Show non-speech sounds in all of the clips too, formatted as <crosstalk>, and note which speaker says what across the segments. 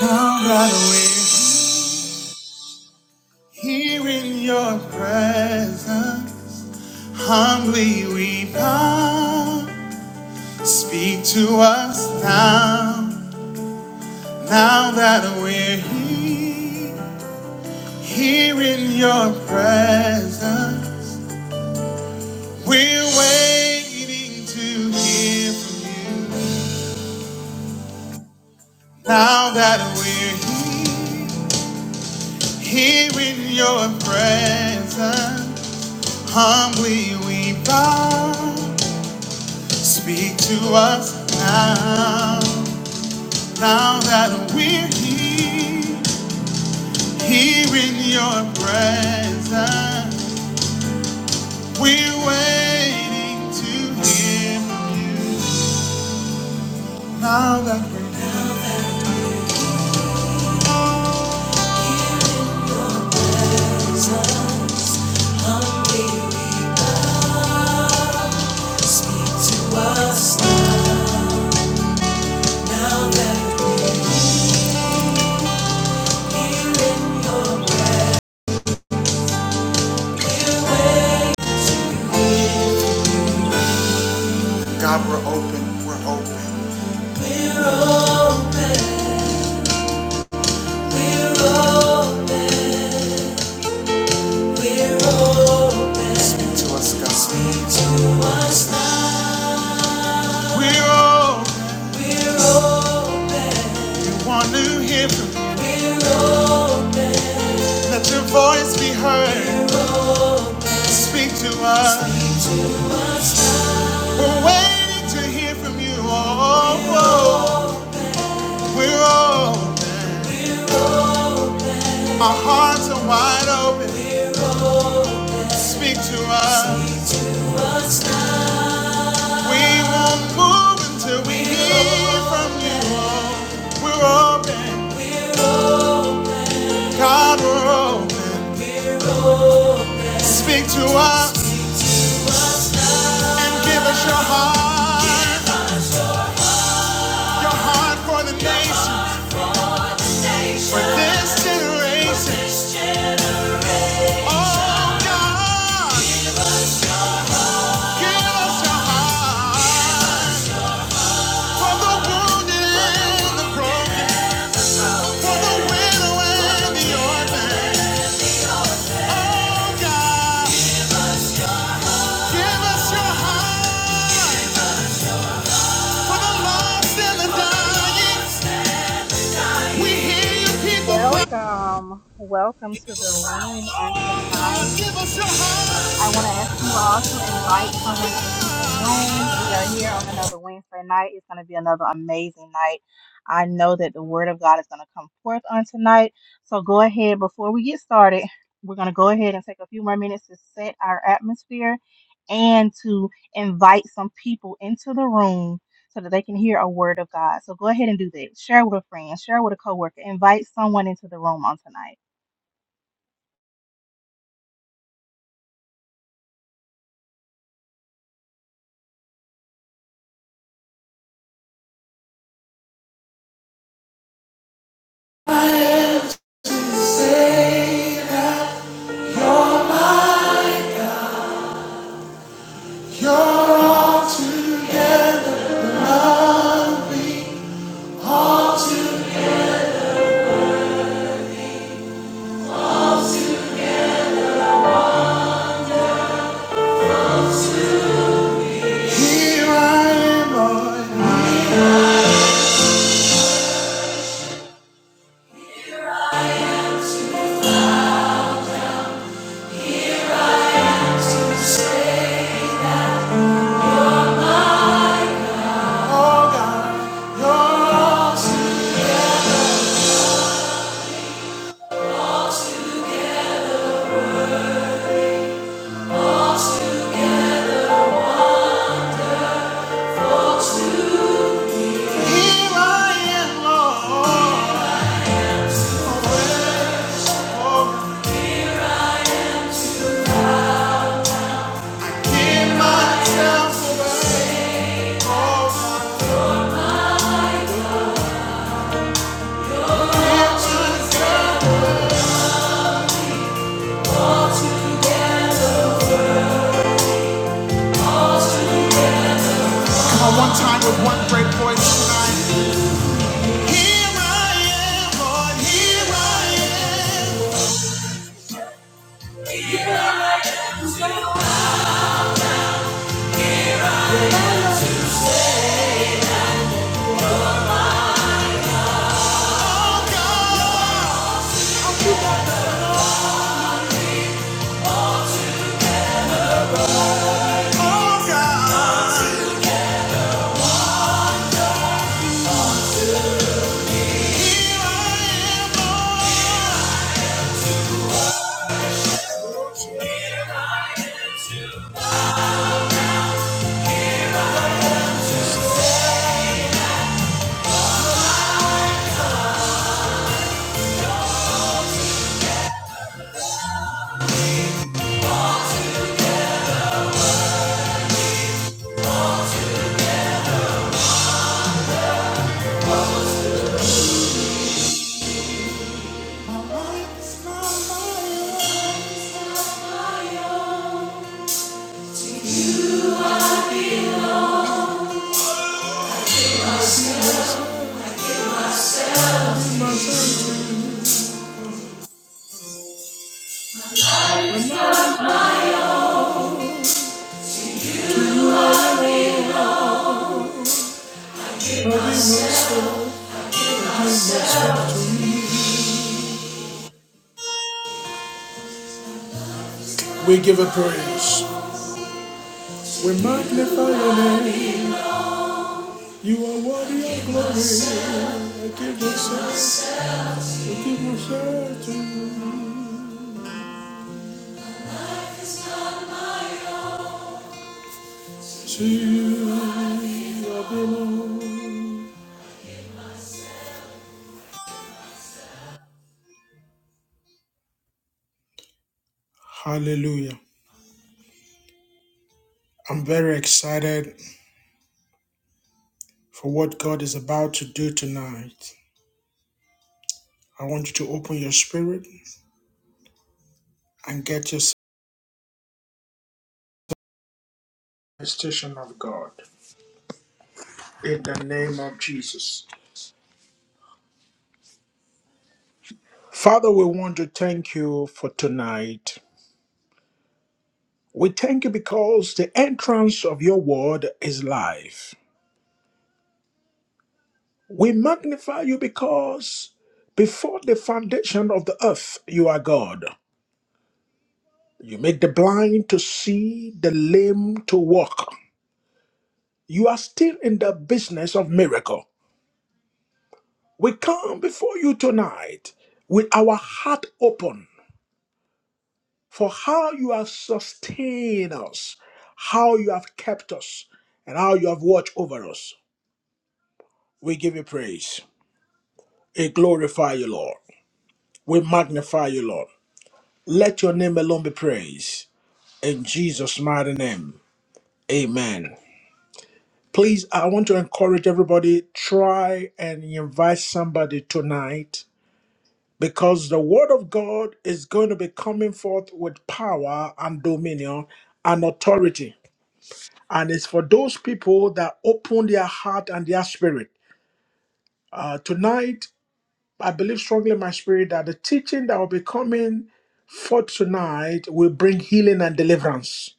Speaker 1: I'll ride away here in your presence. Humbly we bow. Speak to us now, now that we're here, here in your presence. We're waiting to hear from you now that we're here, here in your presence. Humbly we bow. Speak to us now, now that we're here, here in your presence. We're waiting to hear from you. Now that we're here, speak to us now that we're in. God, we're open, we're open. We're open, we're open. We're open. Speak to us, God. Speak to us now. We're open. We're open. We want to hear from you. We're open. Let your voice be heard. Speak to us. We're waiting to hear from you. Oh, oh. we're open. Our hearts are wide open. Speak to us. We won't move until we hear from you. Oh, we're open. God, we're open. Speak to us and give us your heart, your heart for the nation, for this generation. Oh God, give us your heart for the wounded and the broken, for the widow and the orphan. Oh God, give us your heart for the lost and the dying. We hear your people cry.
Speaker 2: Welcome, welcome to the room on
Speaker 1: God,
Speaker 2: tonight.
Speaker 1: give us your heart.
Speaker 2: I want to ask you all to invite someone into the room. We are here on another Wednesday night. It's going to be another amazing night. I know that the word of God is going to come forth on tonight. So go ahead, before we get started, we're going to go ahead and take a few more minutes to set our atmosphere and to invite some people into the room so that they can hear a word of God. So go ahead and do that. Share with a friend, share with a coworker, invite someone into the room on tonight.
Speaker 1: Save your mind. You're all together. Here I am, Lord. Here I am, to say, all to, all together, all together, all together. Here I am, Lord. Give myself to the cause. Come on, one time with one great voice tonight. Here I am, Lord. Here I am, oh God. Oh We give a praise. We magnify your name. You are worthy of glory. I give myself, I give myself to, to you. I belong. Hallelujah. I'm very excited for what God is about to do tonight. I want you to open your spirit and get yourself. manifestation of God. In the name of Jesus. Father, we want to thank you for tonight. We thank you because the entrance of your word is life. We magnify you because before the foundation of the earth, you are God. You make the blind to see, the lame to walk. You are still in the business of miracle. We come before you tonight with our heart open for how you have sustained us, how you have kept us, and how you have watched over us. We give you praise. We glorify you, Lord. We magnify you, Lord. Let your name alone be praised. In Jesus' mighty name, amen. Please, I want to encourage everybody try and invite somebody tonight because the word of God is going to be coming forth with power and dominion and authority. And it's for those people that open their heart and their spirit. Uh, tonight, I believe strongly in my spirit that the teaching that will be coming forth tonight will bring healing and deliverance.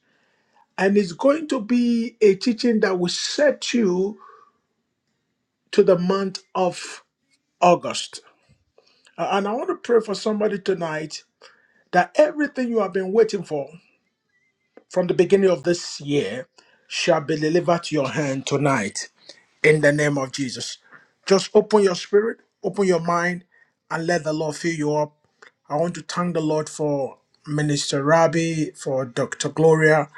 Speaker 1: And it's going to be a teaching that will set you to the month of August. Uh, and I want to pray for somebody tonight that everything you have been waiting for from the beginning of this year shall be delivered to your hand tonight. in the name of Jesus. Just open your spirit, open your mind, and let the Lord fill you up. I want to thank the Lord for Minister Rabbi, for Dr. Gloria.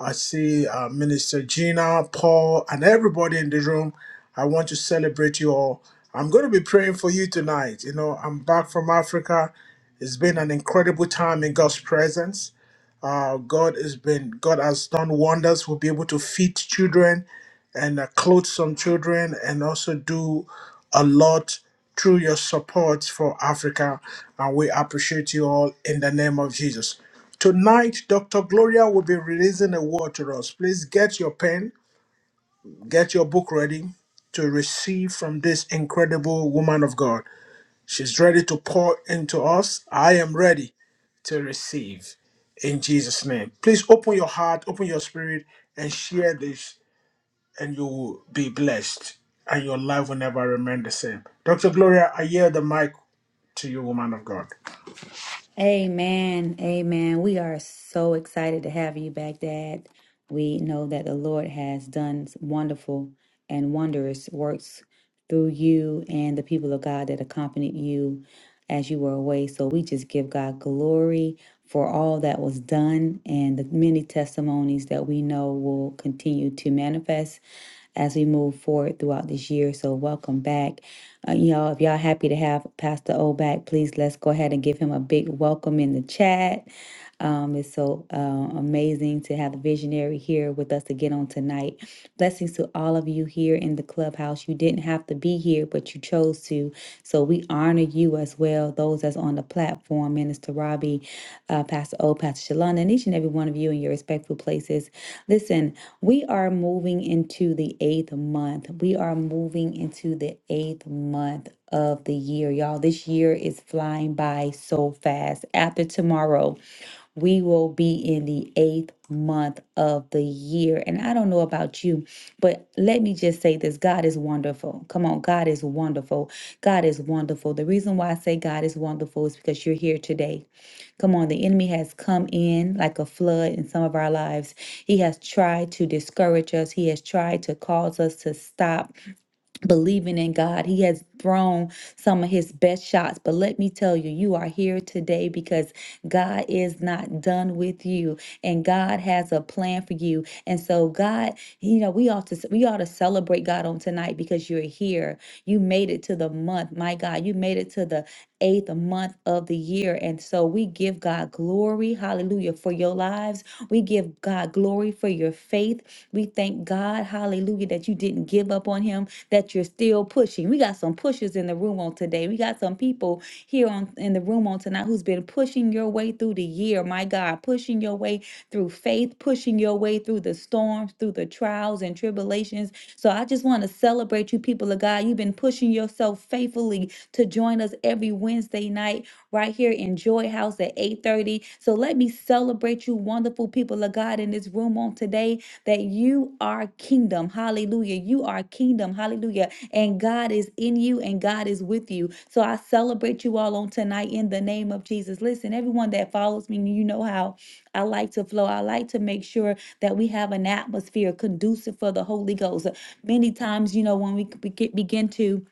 Speaker 1: I see uh, Minister Gina, Paul, and everybody in the room. I want to celebrate you all. I'm going to be praying for you tonight. You know, I'm back from Africa. It's been an incredible time in God's presence. Uh, God has been, God has done wonders. We'll be able to feed children and uh, clothe some children and also do a lot through your support for Africa. And we appreciate you all in the name of Jesus. Tonight, Dr. Gloria will be releasing a word to us. Please get your pen, get your book ready to receive from this incredible woman of God. She's ready to pour into us. I am ready to receive in Jesus' name. Please open your heart, open your spirit, and share this and you will be blessed, and your life will never remain the same. Dr. Gloria, I yield the mic to you, woman of God.
Speaker 3: Amen. Amen. We are so excited to have you back, Dad. We know that the Lord has done wonderful and wondrous works through you and the people of God that accompanied you as you were away. So we just give God glory for all that was done and the many testimonies that we know will continue to manifest as we move forward throughout this year. So welcome back. Uh, y'all, if y'all happy to have Pastor O back, please let's go ahead and give him a big welcome in the chat. Um, it's so uh, amazing to have the visionary here with us again on tonight. Blessings to all of you here in the clubhouse. You didn't have to be here, but you chose to. So we honor you as well, those that's on the platform, Minister Robbie, uh, Pastor O, Pastor Shalana, and each and every one of you in your respectful places. Listen, we are moving into the eighth month. We are moving into the eighth month of the year. Y'all, this year is flying by so fast. After tomorrow, we will be in the eighth month of the year. And I don't know about you, but let me just say this God is wonderful. Come on, God is wonderful. God is wonderful. The reason why I say God is wonderful is because you're here today. Come on, the enemy has come in like a flood in some of our lives. He has tried to discourage us, he has tried to cause us to stop believing in God. He has thrown some of his best shots. But let me tell you, you are here today because God is not done with you and God has a plan for you. And so God, you know, we ought to we ought to celebrate God on tonight because you're here. You made it to the month. My God, you made it to the eighth month of the year. And so we give God glory, hallelujah, for your lives. We give God glory for your faith. We thank God, hallelujah, that you didn't give up on him, that you're still pushing. We got some pushers in the room on today. We got some people here on in the room on tonight who's been pushing your way through the year, my God, pushing your way through faith, pushing your way through the storms, through the trials and tribulations. So I just want to celebrate you, people of God. You've been pushing yourself faithfully to join us every Wednesday night right here in Joy House at 8:30. So let me celebrate you, wonderful people of God, in this room on today that you are kingdom. Hallelujah. You are kingdom. Hallelujah. And God is in you and God is with you. So I celebrate you all on tonight in the name of Jesus. Listen, everyone that follows me, you know how I like to flow. I like to make sure that we have an atmosphere conducive for the Holy Ghost. Many times, you know, when we c- begi- begin to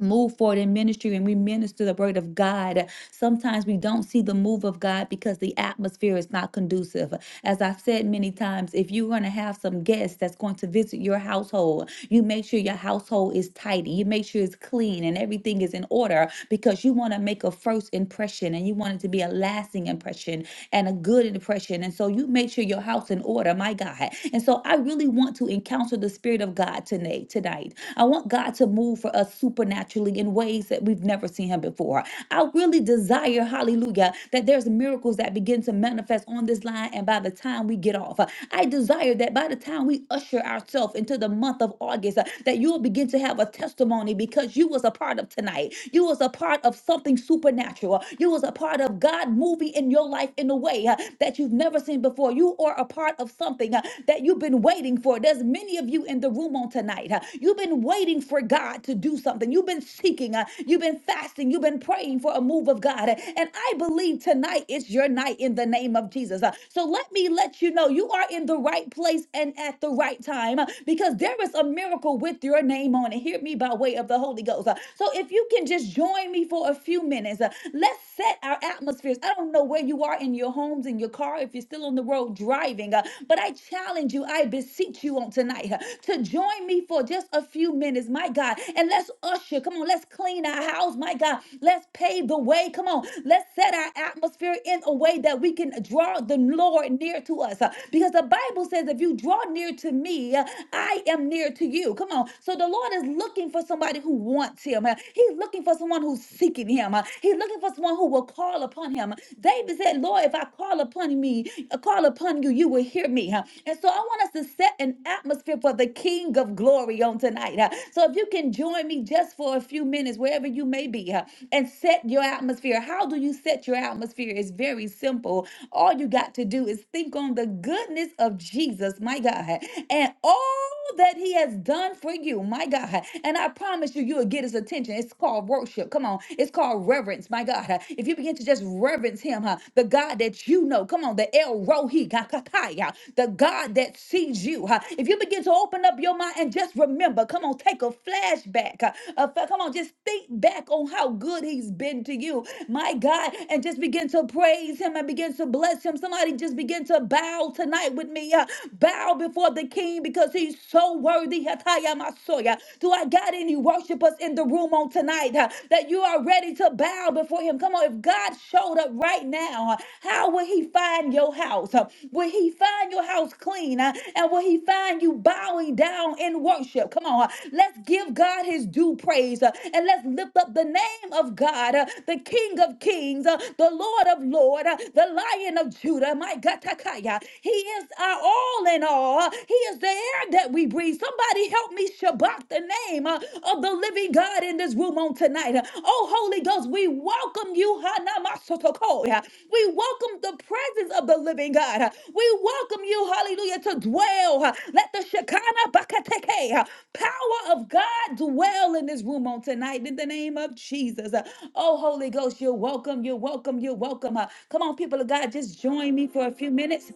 Speaker 3: move forward in ministry and we minister the word of God. Sometimes we don't see the move of God because the atmosphere is not conducive. As I've said many times, if you're going to have some guests that's going to visit your household, you make sure your household is tidy. You make sure it's clean and everything is in order because you want to make a first impression and you want it to be a lasting impression and a good impression. And so you make sure your house in order, my God. And so I really want to encounter the spirit of God tonight resonate tonight. I want God to move for us supernaturally in ways that we've never seen Him before. I really desire, hallelujah, that there's miracles that begin to manifest on this line and by the time we get off. I desire that by the time we usher ourselves into the month of August, uh, that you'll begin to have a testimony because you was a part of tonight. You was a part of something supernatural. You was a part of God moving in your life in a way uh, that you've never seen before. You are a part of something uh, that you've been waiting for. There's many of you in the room on tonight. huh? You've been waiting for God to do something. You've been seeking. uh, You've been fasting. You've been praying for a move of God. Uh, And I believe tonight is your night in the name of Jesus. Uh, So let me let you know you are in the right place and at the right time uh, because there is a miracle with your name on it. Hear me by way of the Holy Ghost. Uh, So if you can just join me for a few minutes, uh, let's set our atmospheres. I don't know where you are in your homes, in your cars car, if you're still on the road driving. uh, But I challenge you, I beseech you on tonight uh, to join me for just a few minutes, my God, and let's usher. Come on, let's clean our house, my God. Let's pave the way. Come on, let's set our atmosphere in a way that we can draw the Lord near to us. uh, Because the Bible says, if you draw near to me, uh, I am near to you. Come on. So the Lord is looking for somebody who wants him. uh, He's looking for someone who's seeking him. uh, He's looking for someone who will call call upon him. David said, Lord, if I call upon me, uh, call upon you, you will hear me. huh? And so I want us to set an atmosphere for the King of glory on tonight. huh? So if you can join me just for a few minutes, wherever you may be, huh, and set your atmosphere. How do you set your atmosphere? It's very simple. All you got to do is think on the goodness of Jesus, my God, and all that he has done for you, my God. And I promise you, you'll get his attention. It's called worship worship. Come on. It's called reverence, my God. Uh, If you begin to just reverence him, huh, the God that you know, come on, the El Rohi, Kakakaya, the God that sees you. huh. If you begin to open up your mind and just remember, come on, take a flashback. uh, a fa- Come on, just think back on how good he's been to you, my God, and just begin to praise him and begin to bless him. Somebody just begin to bow tonight with me. uh, Bow before the king because he's so worthy. Hataya Masoya. Do I got any worshipers in the room on tonight uh, that you are ready to bow before him? Come on, if God showed up right now, uh, how will he find your house? Uh, Will he find your house clean? uh, And will he find you bowing down in worship? Come on, uh, let's give God his due praise uh, and let's lift up the name of God, uh, the King of Kings, uh, the Lord of Lords, uh, the Lion of Judah. My God, Takaya. He is our all in all. huh, He is the air that we breathe. Somebody help me shabak the name uh, of the living God in this room on tonight. Uh, Oh, Holy Ghost, we welcome you. Hanamasotoko, yeah. We welcome the presence of the living God. Uh, We welcome you, hallelujah, to dwell. Uh, Let the Shekinah Bakateke uh, power of God dwell in this room on tonight in the name of Jesus. Uh, Oh, Holy Ghost, you're welcome. You're welcome. You're welcome. Uh, Come on, people of God, just join me for a few minutes.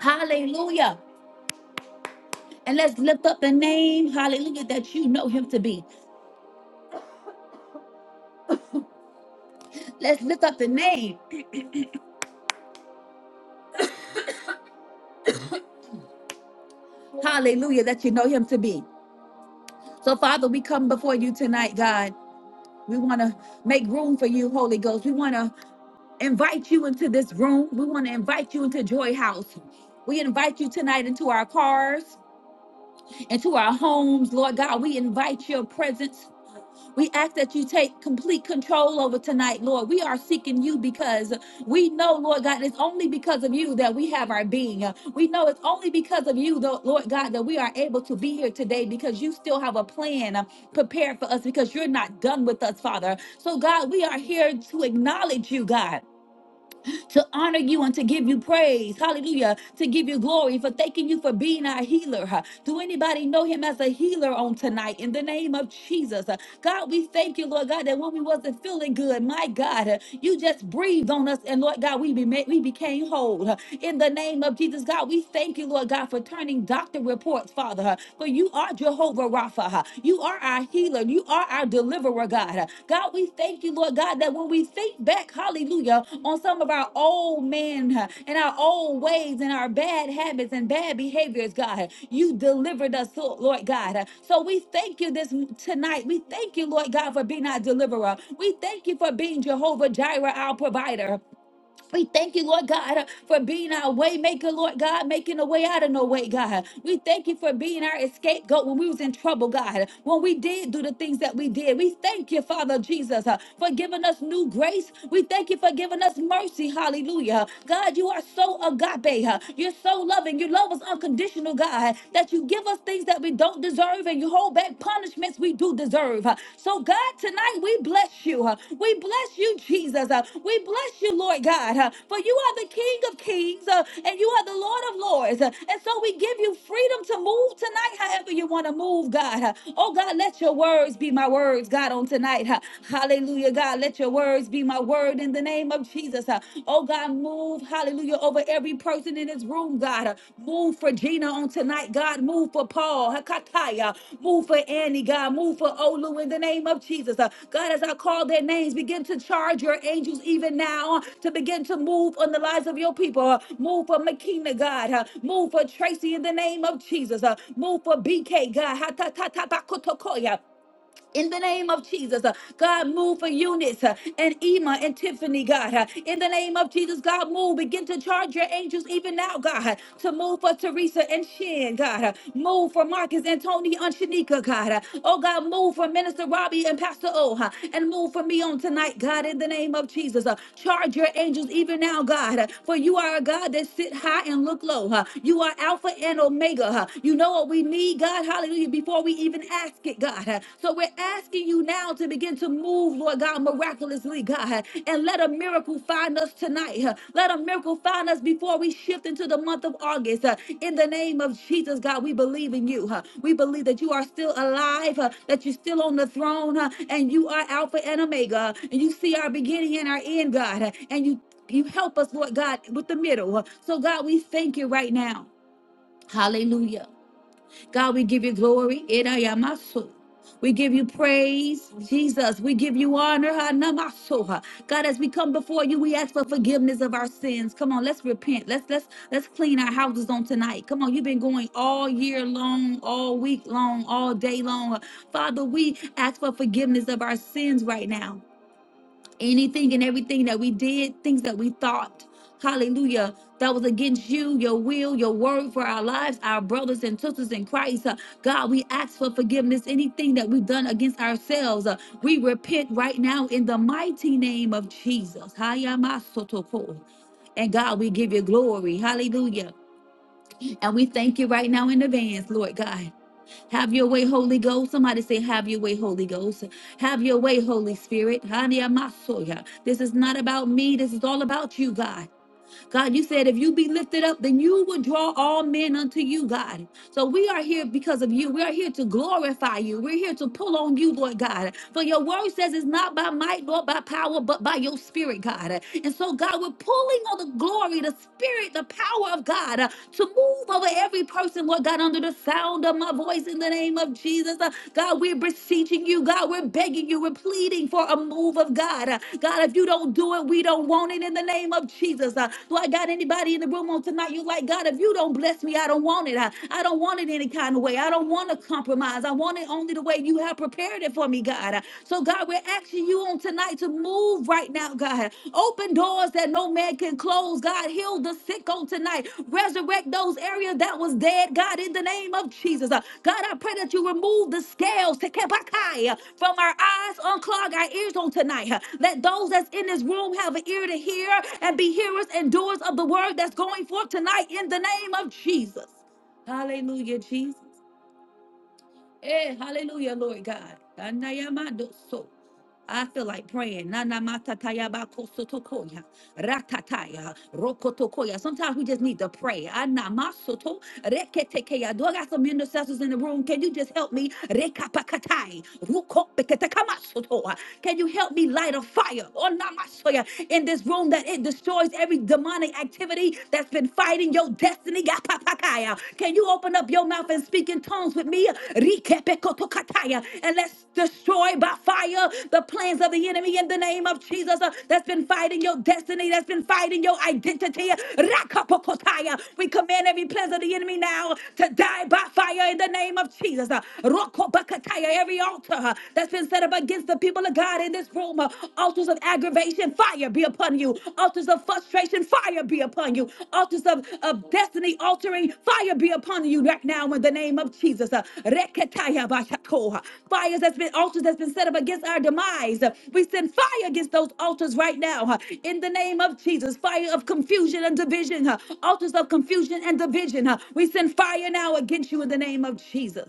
Speaker 3: Hallelujah. And let's lift up the name, hallelujah, that you know him to be. Let's lift up the name, hallelujah, that you know him to be. So, Father, we come before you tonight, God. We want to make room for you, Holy Ghost. We want to invite you into this room. We want to invite you into Joy House. We invite you tonight into our cars, into our homes, Lord God. We invite your presence. We ask that you take complete control over tonight, Lord. We are seeking you because we know, Lord God, it's only because of you that we have our being. We know it's only because of you, though, Lord God, that we are able to be here today because you still have a plan uh, prepared for us because you're not done with us, Father. So, God, we are here to acknowledge you, God to honor you and to give you praise. Hallelujah. To give you glory for thanking you for being our healer. huh. Do anybody know him as a healer on tonight in the name of Jesus? Uh, God, we thank you, Lord God, that when we wasn't feeling good, my God, uh, you just breathed on us and Lord God, we be made, we became whole. Huh in the name of Jesus. God, we thank you, Lord God, for turning doctor reports, Father, huh, for you are Jehovah Rapha. huh. You are our healer. You are our deliverer, God. huh. God, we thank you, Lord God, that when we think back, hallelujah, on some of our old men huh, and our old ways and our bad habits and bad behaviors, God, huh, you delivered us, Lo- Lord God. huh. So we thank you this tonight. We thank you, Lord God, for being our deliverer. We thank you for being Jehovah Jireh, our provider. We thank you, Lord God, uh, for being our way maker, Lord God, making a way out of no way, God. We thank you for being our escape goat when we was in trouble, God. When we did do the things that we did, we thank you, Father Jesus, uh, for giving us new grace. We thank you for giving us mercy. Hallelujah. God, you are so agape. uh, You're so loving. You love us unconditional, God, that you give us things that we don't deserve and you hold back and punishments we do deserve. Uh, So, God, tonight we bless you. Uh, We bless you, Jesus. Uh, We bless you, Lord God, uh, for you are the King of kings uh, and you are the Lord of lords. Uh, And so we give you freedom to move tonight however you want to move, God. Uh, Oh, God, let your words be my words, God, on tonight. Uh, Hallelujah, God. Let your words be my word in the name of Jesus. Uh, Oh, God, move Move, hallelujah, over every person in this room, God. Move for Gina on tonight, God. Move for Paul, Hakataya. Move for Annie, God. Move for Olu in the name of Jesus. Uh, God, as I call their names, begin to charge your angels even now uh, to begin to move on the lives of your people. Uh, Move for Makina, God. Uh, Move for Tracy in the name of Jesus. Uh, Move for BK, God. Hatatatabakotokoya in the name of Jesus, uh, God, move for Eunice uh, and Ema and Tiffany, God. uh, In the name of Jesus, God, move. Begin to charge your angels even now, God, uh, to move for Teresa and Shin, God. uh, Move for Marcus and Tony and Shanika, God. uh, Oh, God, move for Minister Robbie and Pastor O, uh, and move for me on tonight, God, in the name of Jesus. uh, Charge your angels even now, God, uh, for you are a God that sit high and look low. uh, You are Alpha and Omega. uh, You know what we need, God. Hallelujah. Before we even ask it, God. So we're asking you now to begin to move, Lord God, miraculously, God. And let a miracle find us tonight. Let a miracle find us before we shift into the month of August. In the name of Jesus, God, we believe in you. We believe that you are still alive, that you're still on the throne, and you are Alpha and Omega. And you see our beginning and our end, God. And you you help us, Lord God, with the middle. So, God, we thank you right now. Hallelujah. God, we give you glory. Erayamaso. We give you praise, Jesus. We give you honor. Hanamasoha. God, as we come before you, we ask for forgiveness of our sins. Come on, let's repent. Let's let's let's clean our houses on tonight. Come on, you've been going all year long, all week long, all day long. Father, we ask for forgiveness of our sins right now anything and everything that we did, things that we thought, hallelujah, that was against you, your will, your word for our lives, our brothers and sisters in Christ. Uh, God, we ask for forgiveness, anything that we've done against ourselves. uh, we repent right now in the mighty name of Jesus. Hayamasotoko. And God, we give you glory. Hallelujah. And we thank you right now in advance, Lord God. Have your way, Holy Ghost. Somebody say, Have your way, Holy Ghost. Have your way, Holy Spirit. Haniyamasoya. This is not about me. This is all about you, God. God, you said if you be lifted up, then you would draw all men unto you, God. So we are here because of you. We are here to glorify you. We're here to pull on you, Lord God. For your word says it's not by might nor by power, but by your spirit, God. And so, God, we're pulling on the glory, the spirit, the power of God to move over every person, Lord God, under the sound of my voice in the name of Jesus. Uh, God, we're beseeching you. God, we're begging you. We're pleading for a move of God. Uh, God, if you don't do it, we don't want it in the name of Jesus. Uh, Lord God, anybody in the room on tonight, you like, God, if you don't bless me, I don't want it. I, I don't want it any kind of way. I don't want to compromise. I want it only the way you have prepared it for me, God. Uh, So, God, we're asking asking you on tonight to move right now, God. Open doors that no man can close, God. Heal the sick on tonight. Resurrect those areas that was dead, God, in the name of Jesus. Uh, God, I pray that you remove the scales tekebakai, uh, from our eyes, unclog our ears on tonight. Uh, Let those that's in this room have an ear to hear and be hearers and doers of the word that's going forth tonight in the name of Jesus. Hallelujah, Jesus. Hey, hallelujah, Lord God. Anayamando so. I feel like praying. Nana mata Nanamatatayabakosotoko ya. Ratataya. Rokotokoya. Sometimes we just need to pray. Ana masoto Reketekeya. Do I got some intercessors in the room? Can you just help me? Rekapakatai. Rukopekatakamasoto. Can you help me light a fire Onamasoya. in this room that it destroys every demonic activity that's been fighting your destiny? Yapapakaya. Can you open up your mouth and speak in tongues with me? Rikepekotokataya. And let's destroy by fire the plans of the enemy in the name of Jesus uh, that's been fighting your destiny, that's been fighting your identity. Rakapokotaya. We command every plans of the enemy now to die by fire in the name of Jesus. Uh, Rokobakataya. Every altar uh, that's been set up against the people of God in this room, uh, altars of aggravation, fire be upon you. Altars of frustration, fire be upon you. Altars of, of destiny altering, fire be upon you right now in the name of Jesus. Uh, Reketaya bashakoha. Fires that's been altars that's been set up against our demise. Uh, We send fire against those altars right now uh, in the name of Jesus. Fire of confusion and division. uh, Altars of confusion and division. uh, We send fire now against you in the name of Jesus.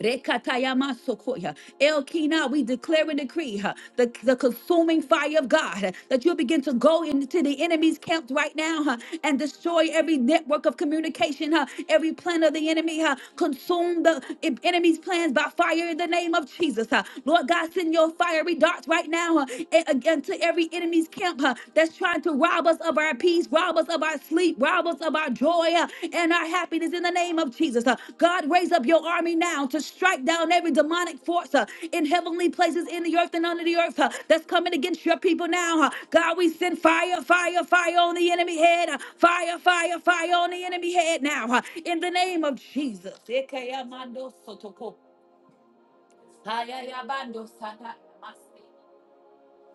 Speaker 3: Rekatayamasokoya. Elkina, we declare and decree huh, the, the consuming fire of God huh, that you'll begin to go into the enemy's camp right now huh, and destroy every network of communication, huh, every plan of the enemy. huh. Consume the en- enemy's plans by fire in the name of Jesus. huh. Lord God, send your fiery darts right now huh, a- again to every enemy's camp huh, that's trying to Rob us of our peace, rob us of our sleep, rob us of our joy uh, and our happiness in the name of Jesus. Uh, God, raise up your army now to strike down every demonic force uh, in heavenly places in the earth and under the earth uh, that's coming against your people now. uh. God, we send fire, fire, fire on the enemy head, uh, fire, fire, fire on the enemy head now uh, in the name of Jesus. Ekeyamando sotoko, ayayabando sata. Master.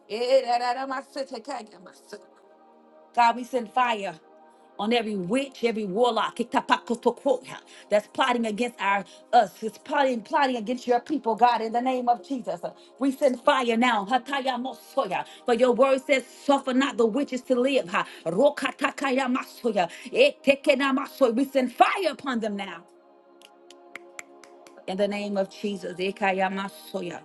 Speaker 3: Eh, da, da, da, master, take care, master. God, we send fire on every witch, every warlock, iktapakotokoya, that's plotting against our us, it's plotting, plotting against your people, God, in the name of Jesus. We send fire now. hataya mosoya, For your word says, suffer not the witches to live. ha, rokatakaya masoya, etekena masoya. We send fire upon them now. In the name of Jesus. ekaya masoya.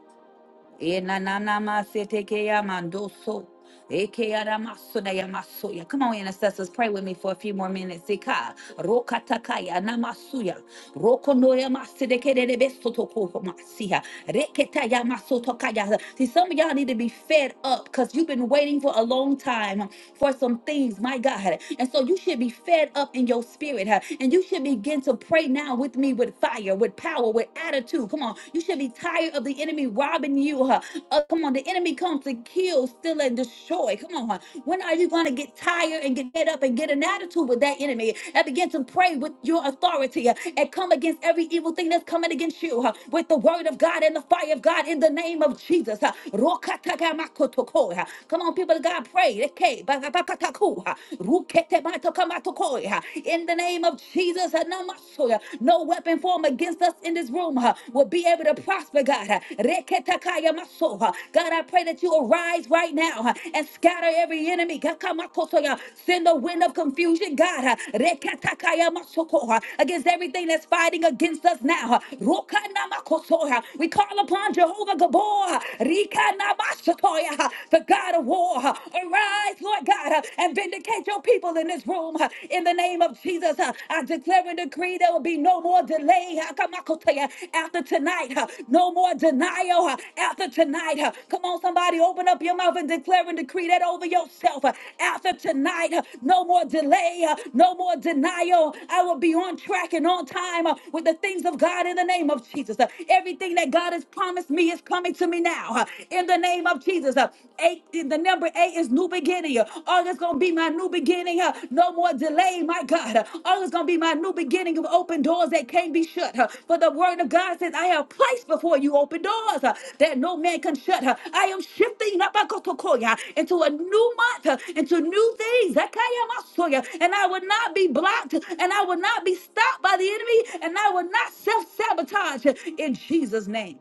Speaker 3: E na na na na ya ya ya mando so, E ke ya ra maso na ya maso ya. Come on, intercessors, pray with me for a few more minutes. Eka, rokatakaya, namasuya, rokonoyamasidekededebesotokomasiya, reketayamasotokaya. See, some of y'all need to be fed up because you've been waiting for a long time for some things, my God. And so you should be fed up in your spirit, huh? and you should begin to pray now with me with fire, with power, with attitude. Come on, you should be tired of the enemy robbing you. Huh? Uh, come on, the enemy comes to kill, steal, and destroy. Come on, huh? when are you going to get tired and get get up and get an attitude with that enemy and begin to pray with your authority uh, and come against every evil thing that's coming against you uh, with the word of God and the fire of God in the name of Jesus? uh. Rokatakamakotoko, uh. Come on, people of God, pray. Eke, bakatakaku, uh. Ruketematokamatokoi, uh. In the name of of Jesus, uh, no uh, no weapon formed against us in this room uh, will be able to prosper, God. Uh, Reketakaya maso, uh, God, I pray that you arise right now uh, and scatter every enemy. Kakamakoso, uh, Send a wind of confusion, God, uh, Reketakaya masoko, uh, against everything that's fighting against us now. uh, Rokanamakoso, uh, We call upon Jehovah Gabor, uh, Rikanamashatoya, uh, the God of war. uh, Arise, Lord God, uh, and and vindicate your people in this room. uh, In the name of Jesus, uh, I declare and decree there will be no more delay. uh, Come on, Kotea, after tonight, uh, no more denial uh, after tonight. uh, Come on, somebody, open up your mouth and declare and decree that over yourself. uh, After tonight, uh, no more delay, uh, no more denial. I will be on track and on time uh, with the things of God in the name of Jesus. Uh, Everything that God has promised me is coming to me now. uh, In the name of Jesus, Uh, August. Uh, eight, the number eight is new beginning. Uh, August gonna be my new beginning. Uh, no more delay, my God. Uh, August gonna be my new beginning of open doors that can't be shut. Uh, for the word of God says, I have placed before you open doors uh, that no man can shut. Uh, I am shifting Nabakotokoya, into a new month, uh, into new things. Zakayamasoya, And I will not be blocked, and I will not be stopped by the enemy, and I will not self sabotage in Jesus' name.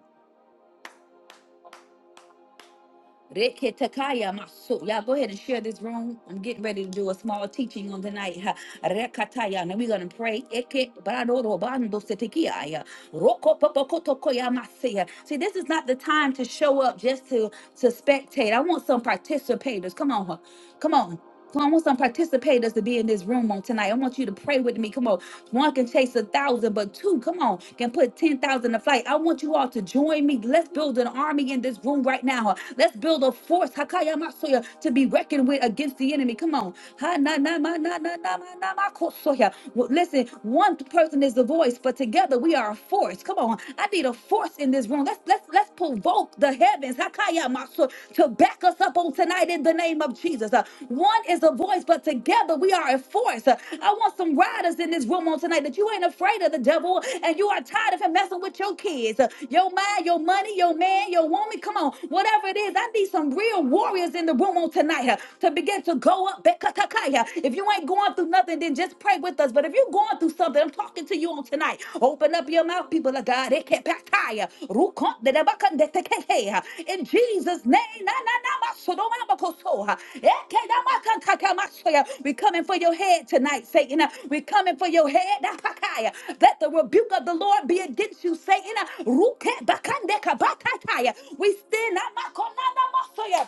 Speaker 3: Reketakaya maso. Y'all go ahead and share this room. I'm getting ready to do a small teaching on tonight. Ha. Rekataya. And we're going to pray. Eke bradoro bando setekiaya. Roko popokotokoya masaya. See, this is not the time to show up just to, to spectate. I want some participators. Come on. huh? Come on. So I want some participators to be in this room on tonight. I want you to pray with me. Come on. One can chase a thousand, but two, come on, can put 10,000 to flight. I want you all to join me. Let's build an army in this room right now. Let's build a force, Hakaya Masoya, to be reckoned with against the enemy. Come on. Ha, na, na, ma, na, na, na, ma, na, ma, ko, soya. Well, Listen, one person is the voice, but together we are a force. Come on. I need a force in this room. Let's, let's Let's let's provoke the heavens Hakaya Maso, to back us up on tonight in the name of Jesus. Uh, one is a voice, but together we are a force. Uh, I want some riders in this room on tonight that you ain't afraid of the devil and you are tired of him messing with your kids, uh, your mind, your money, your man, your woman. Come on, whatever it is, I need some real warriors in the room on tonight uh, to begin to go up. Bekatakaya. If you ain't going through nothing, then just pray with us us. But if you're going through something, I'm talking to you on tonight. Open up your mouth, people of God. Ekepataya, rukondedebakandetekehe. In Jesus' name. na, na, na, masodomamakosoha. Ekedamakantakamasoya. We're coming for your head tonight, Satan. We're coming for your head. Napakaya. Let the rebuke of the Lord be against you, Satan. Rukebakandekabatataya. We stand. namakonanamasoya.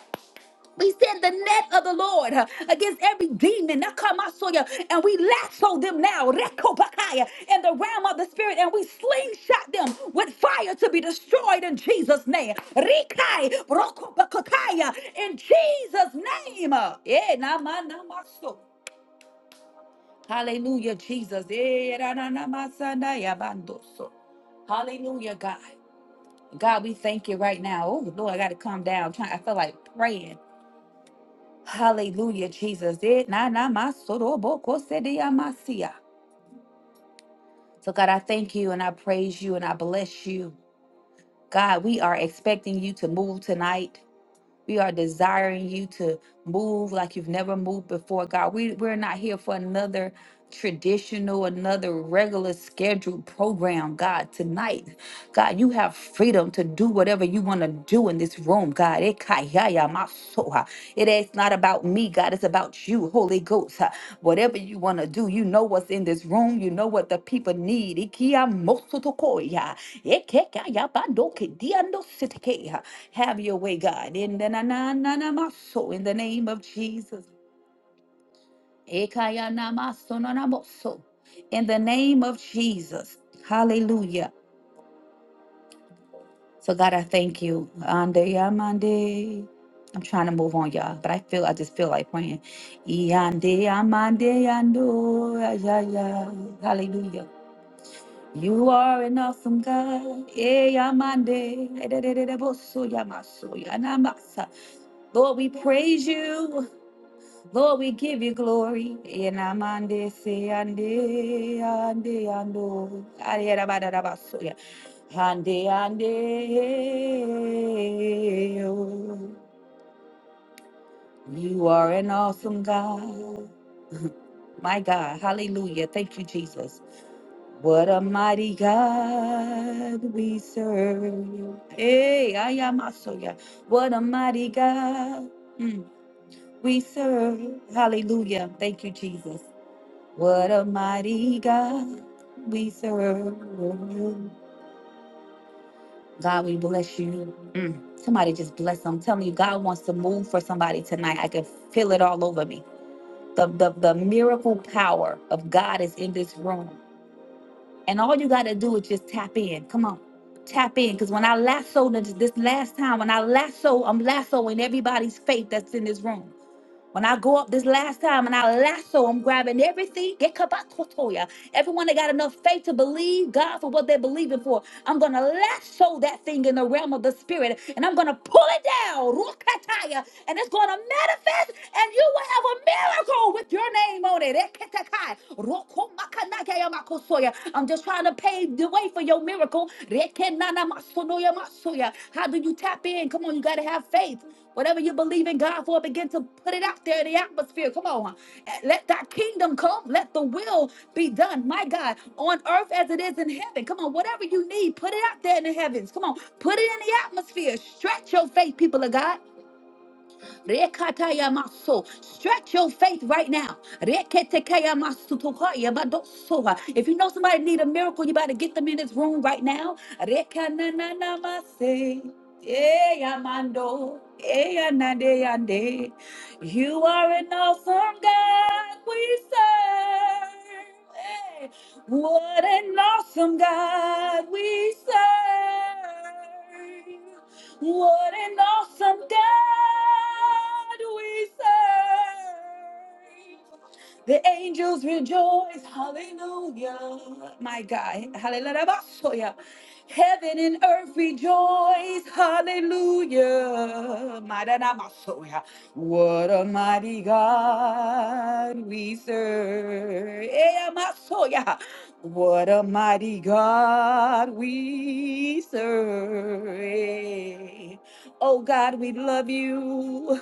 Speaker 3: We send the net of the Lord uh, against every demon. Nakamasoya, And we lasso them now rekopakaya, in the realm of the spirit. And we slingshot them with fire to be destroyed in Jesus' name. Rikai rokopakakaya, In Jesus' name. Eh, namanamaso. Hallelujah, Jesus. Eh, rananamasandaya bandoso. Hallelujah, God. God, we thank you right now. Oh, Lord, I got to calm down. I'm trying, I feel like praying. Hallelujah, Jesus. Eh, na, na, ma, so, do, bo, ko, se, de, ya, ma, si, ya. So, God, I thank you and I praise you and I bless you. God, we are expecting you to move tonight. We are desiring you to move like you've never moved before, God. We, we're not here for another traditional, another regular scheduled program, God. Tonight, God, you have freedom to do whatever you want to do in this room, God. Ekayaya masoha. It is not about me, God. It's about you, Holy Ghost. Uh, Whatever you want to do, you know what's in this room. You know what the people need. Ikia mosotokoya. Ekekaya badoke diando siteke. Have your way, God. In the na na na na maso, in the name of Jesus. Ekaya na maso na na maso. In the name of Jesus. Hallelujah. So God, I thank you. Ande ya mande. I'm trying to move on, y'all, but I feel I just feel like praying. Yande ya mande ya ndo, ya ya ya. Hallelujah. You are an awesome God. Eh, ya mande. Eh, de, de, de, de, bo, so, ya, ma, so, ya, na, ma, sa. Lord, we praise you. Lord, we give you glory. Enamande se ande ande ando. Ariera barara basoya. Ande ande. oh. You are an awesome God. My God. Hallelujah. Thank you, Jesus. What a mighty God we serve. Hey, I am Asoya. What a mighty God mm, we serve. Hallelujah. Thank you, Jesus. What a mighty God we serve. God, we bless you. Mm. Somebody just bless them. I'm telling you, God wants to move for somebody tonight. I can feel it all over me. The, the, the miracle power of God is in this room. And all you got to do is just tap in. Come on. Tap in. Because when I lassoed this, this last time, when I lasso, I'm lassoing everybody's faith that's in this room. When I go up this last time and I lasso, I'm grabbing everything. Get kabakotoya. Everyone that got enough faith to believe God for what they're believing for, I'm gonna lasso that thing in the realm of the spirit and I'm gonna pull it down, rukataya, and it's gonna manifest, and you will have a miracle with your name on it. Eketakai, rokomakanakaya makosoya. I'm just trying to pave the way for your miracle. Rekenana masonoya masoya. How do you tap in? Come on, you gotta have faith. Whatever you believe in God for, begin to put it out there in the atmosphere. Come on. Let thy kingdom come. Let the will be done, my God, on earth as it is in heaven. Come on, whatever you need, put it out there in the heavens. Come on, put it in the atmosphere. Stretch your faith, people of God. Rekataya maso. Stretch your faith right now. Reketekaya masutohaya badosoha. If you know somebody need a miracle, you better get them in this room right now. Rekananana mase. Eya mando. Eya nade yande. You are an awesome God we serve. Hey. What an awesome God we serve. What an awesome God we serve. The angels rejoice. Hallelujah. My God. Hallelujah. Heaven and earth rejoice. Hallelujah. Maranamasoya. What a mighty God we serve. Eh, Masoya. What a mighty God we serve. Oh God, we love you.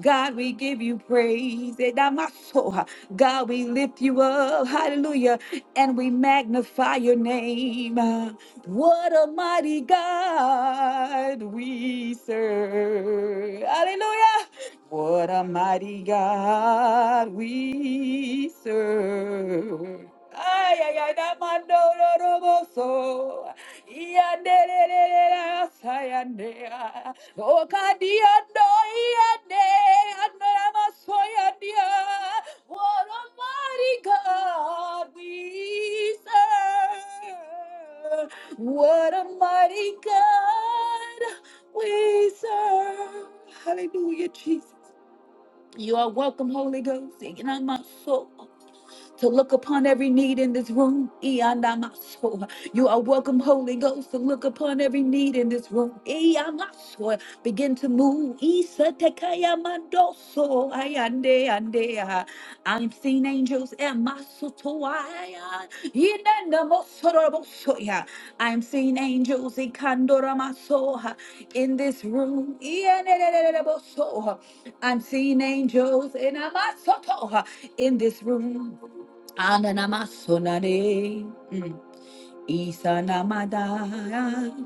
Speaker 3: God, we give you praise. Edamaso. God, we lift you up. Hallelujah. And we magnify your name. What a mighty God we serve. Hallelujah. What a mighty God we serve. Ay, ay, ay, da mando do do bo so. Ia de de de de da sa ya de ya. O ka di ya do ya de. Ano da ma so ya de ya. What a mighty God we serve. What a mighty God we serve. Hallelujah, Jesus. You are welcome, Holy Ghost. Ignite my soul to look upon every need in this room. Iyanamaso. You are welcome, Holy Ghost, to look upon every need in this room. Iyamaso. Begin to move. Isatekayamandoso. Ayande, ande, ah. I'm seeing angels. Emasotoaya. Inenamosorobosoya. I'm seeing angels Ikandoramasoha. in this room. Iyenenenenenebosoha. I'm seeing angels in Amasotoha. in this room. Ananamasunare. Mm. Isanamada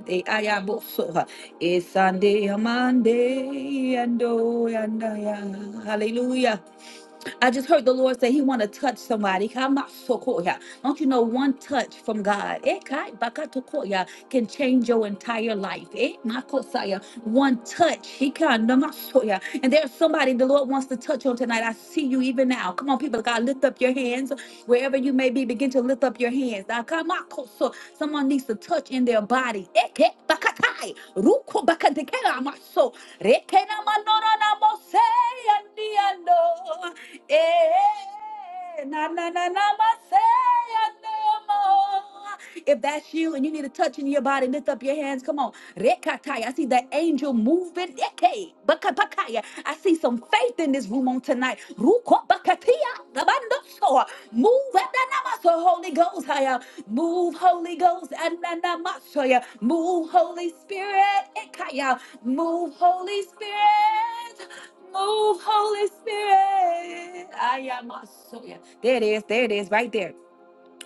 Speaker 3: de ayaboso, esande Amande and Andaya. Hallelujah. I just heard the Lord say He want to touch somebody. Kamasokoya. Don't you know one touch from God eh, kai bakatokoya, can change your entire life? eh, makosaya. One touch. he can namasoya. And there's somebody the Lord wants to touch on tonight. I see you even now. Come on, people of God, lift up your hands. Wherever you may be, begin to lift up your hands. Now, kamakoso. Someone needs to touch in their body. Eke bakatai, ruko bakatekela maso, rekena manona namose, andiando. Eh, eh, na, na, na, na, ma, say I no more. If that's you and you need a touch in your body, lift up your hands. Come on. rekataya. I see the angel moving. Eke, baka, bakaya. I see some faith in this room on tonight. Ruko bakatia, gabando soa. Move at the namaso, Holy Ghost. Move, Holy Ghost, Ananamashoya. Move, Holy Spirit, Ikaya. Move, Holy Spirit. Move, Holy Spirit. Ayamasoya. There it is. There it is. Right there.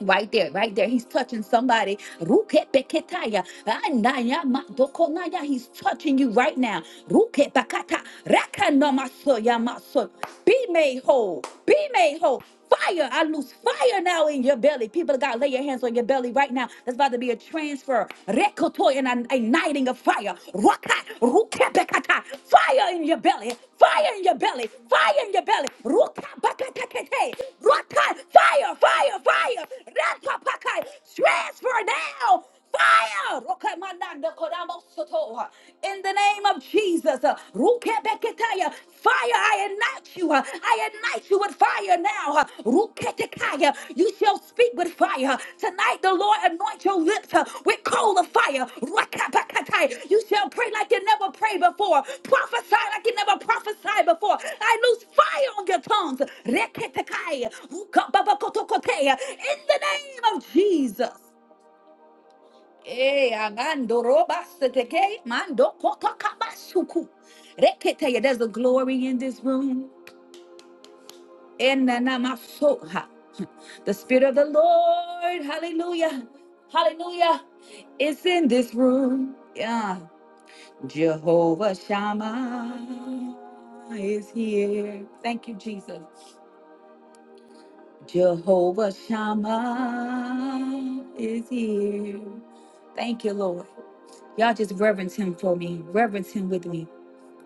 Speaker 3: Right there, right there. He's touching somebody. Rukepeketaya, anaya madokonaya. He's touching you right now. Rukepakata, rakanomasoya maso. Be made whole. Be made whole. Fire. I lose fire now in your belly. People of God, lay your hands on your belly right now. There's about to be a transfer. Rekotoy and a, a igniting of fire. Raka, ruke bekata. Fire in your belly. Fire in your belly. Fire in your belly. Ruka bakata kete. Raka, fire, fire, fire. Raka pakai. Transfer now. Fire. Ruka mananda kodamo soto. In the name of Jesus. uh, ruke beketaya. Fire, I ignite you. uh, I Ignite you with fire now. Ruketekaya. You shall speak with fire. Tonight the Lord anoint your lips uh, with coal of fire. Rakapakatai. You shall pray like you never prayed before. Prophesy like you never prophesied before. I lose fire on your tongues. Reketekai. Rukababakotokotea. In the name of Jesus. Eh, amando robaseteke, mando kotokabasuku. Reketeya. There's a glory in this room. Enanamasoha. The Spirit of the Lord, hallelujah, hallelujah, is in this room. Yeah. Jehovah Shammah is here. Thank you, Jesus. Jehovah Shammah is here. Thank you, Lord. Y'all just reverence him for me. Reverence him with me.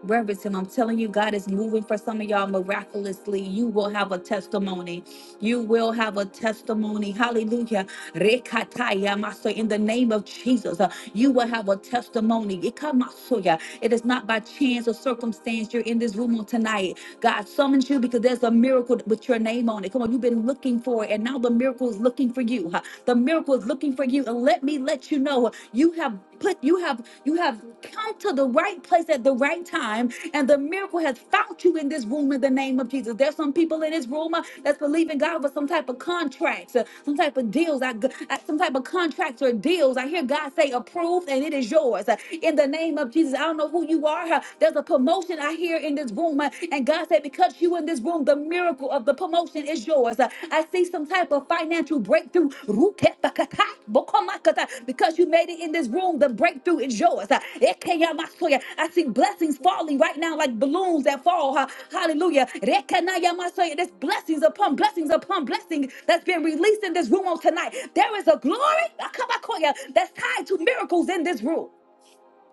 Speaker 3: Reverend, I'm telling you, God is moving for some of y'all miraculously. You will have a testimony. You will have a testimony. Hallelujah. Rekataya maso, In the name of Jesus, uh, you will have a testimony. Ikamasoya. It is not by chance or circumstance you're in this room on tonight. God summons you because there's a miracle with your name on it. Come on, you've been looking for it, and now the miracle is looking for you. huh? The miracle is looking for you. And let me let you know, you have put, you have, you have come to the right place at the right time, and the miracle has found you in this room in the name of Jesus. There's some people in this room uh, that's believing God for some type of contracts, uh, some type of deals, I, g- I- some type of contracts or deals. I hear God say approved, and it is yours Uh, in the name of Jesus. I don't know who you are, huh, there's a promotion I hear in this room. uh, And God said, because you in this room, the miracle of the promotion is yours. Uh, I see some type of financial breakthrough. Rukepakata, bokomakata. Because you made it in this room, the breakthrough is yours. Uh, Ekeyamasoya. I see blessings falling right now like balloons that fall. uh, Hallelujah. Rekanayamasoya. There's blessings upon blessings upon blessings that's been released in this room on tonight. There is a glory Akabakoya, that's tied to miracles in this room.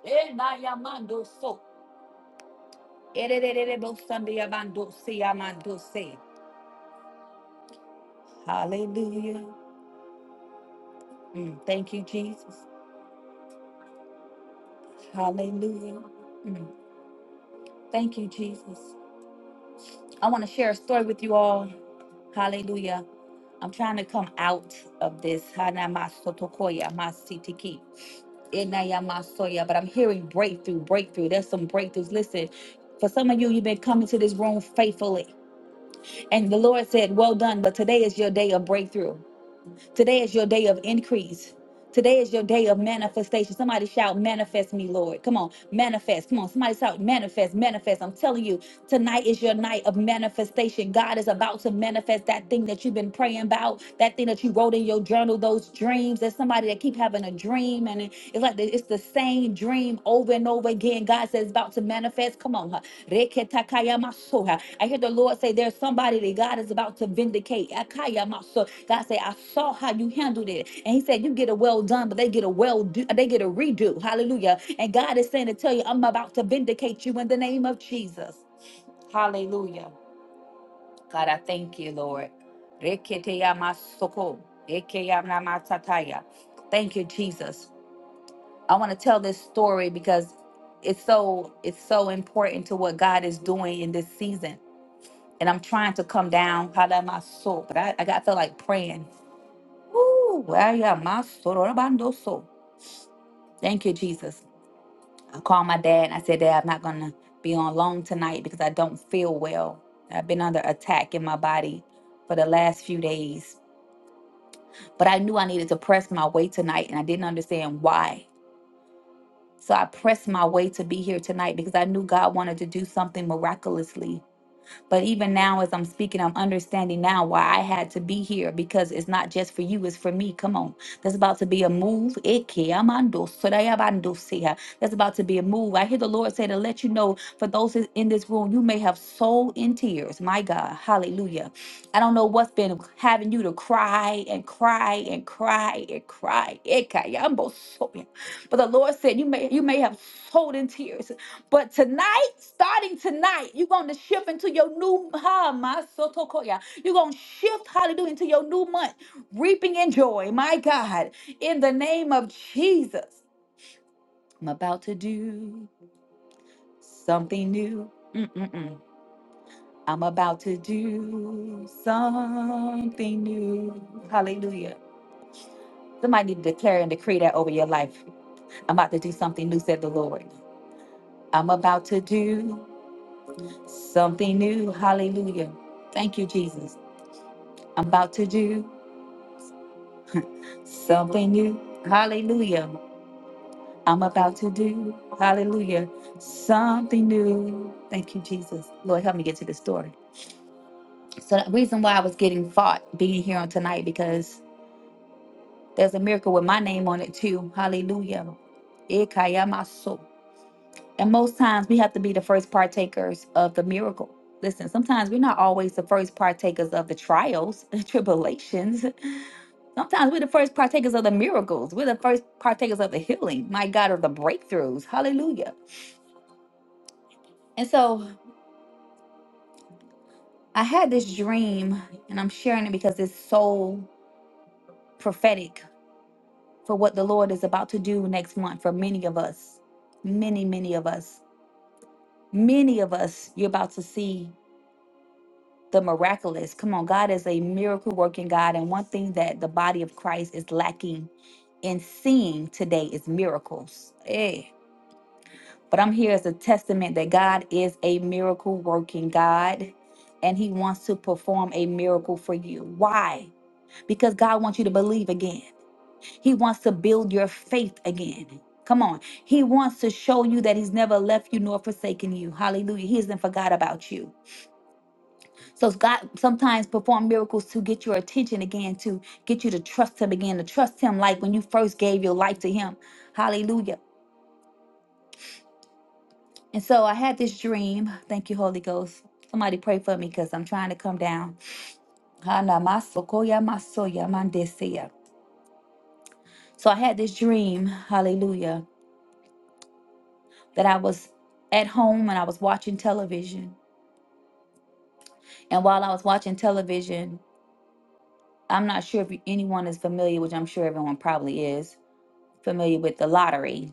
Speaker 3: Enayamando so. Ererererebosandiabandosiamandose. Hallelujah. Mm, thank you, Jesus. Hallelujah. Thank you, Jesus. I want to share a story with you all. Hallelujah. I'm trying to come out of this. Hanamasotokoya masitiki. Enayamasoya. But I'm hearing breakthrough, breakthrough. There's some breakthroughs. Listen, for some of you, you've been coming to this room faithfully. And the Lord said, Well done, but today is your day of breakthrough. Today is your day of increase. Today is your day of manifestation. Somebody shout, manifest me, Lord. Come on, manifest. Come on, somebody shout, manifest, manifest. I'm telling you, tonight is your night of manifestation. God is about to manifest that thing that you've been praying about, that thing that you wrote in your journal, those dreams. There's somebody that keep having a dream, and it- it's like the- it's the same dream over and over again. God says it's about to manifest. Come on, huh? Reketakayamasoha. I hear the Lord say there's somebody that God is about to vindicate. Akayamaso. God said, I saw how you handled it. And he said, You get a well done, but they get a well do, they get a redo. Hallelujah. And God is saying to tell you, I'm about to vindicate you in the name of Jesus. Hallelujah. God, I thank you, Lord. Reketeyamasoko, ekeyamatataya. Thank you, Jesus. I want to tell this story because it's so it's so important to what God is doing in this season. And I'm trying to come down. Halamaso, But I, I got feel like praying. Ooh, well, yeah, my sorobandoso. Thank you, Jesus. I called my dad and I said, Dad, I'm not going to be on long tonight because I don't feel well. I've been under attack in my body for the last few days. But I knew I needed to press my way tonight and I didn't understand why. So I pressed my way to be here tonight because I knew God wanted to do something miraculously But even now, as I'm speaking, I'm understanding now why I had to be here because it's not just for you, it's for me. Come on. There's about to be a move. Eke amando sorayabando sea. There's about to be a move. I hear the Lord say to let you know for those in in this room, you may have soul in tears. My God. Hallelujah. I don't know what's been having you to cry and cry and cry and cry. Eke yambo soya. But the Lord said you may you may have soul in tears but tonight, starting tonight, you're going to shift into your new ha, my sotokoya. You're going to shift, hallelujah, into your new month, reaping in joy. My God, in the name of Jesus, I'm about to do something new. Mm-mm-mm. I'm about to do something new. Hallelujah. Somebody need to declare and decree that over your life. I'm about to do something new, said the Lord. I'm about to do. Something new. Hallelujah. Thank you, Jesus. I'm about to do something new. Hallelujah. I'm about to do. Hallelujah. Something new. Thank you, Jesus. Lord, help me get to the story. So the reason why I was getting fought being here on tonight because there's a miracle with my name on it too. Hallelujah. Ikayamaso. And most times we have to be the first partakers of the miracle. Listen, sometimes we're not always the first partakers of the trials, <laughs> tribulations. Sometimes we're the first partakers of the miracles. We're the first partakers of the healing, my God, of the breakthroughs. Hallelujah. And so I had this dream, and I'm sharing it because it's so prophetic for what the Lord is about to do next month for many of us. Many, many of us. Many of us, you're about to see the miraculous. Come on, God is a miracle working God. And one thing that the body of Christ is lacking in seeing today is miracles. Eh. But I'm here as a testament that God is a miracle working God and he wants to perform a miracle for you. Why? Because God wants you to believe again. He wants to build your faith again. Come on. He wants to show you that he's never left you nor forsaken you. Hallelujah. He hasn't forgot about you. So God sometimes perform miracles to get your attention again, to get you to trust him again, to trust him like when you first gave your life to him. Hallelujah And so I had this dream. Thank you, Holy Ghost. Somebody pray for me because I'm trying to come down. Hana maso koya maso So I had this dream, hallelujah, that I was at home and I was watching television. And while I was watching television, I'm not sure if anyone is familiar, which I'm sure everyone probably is, familiar with the lottery.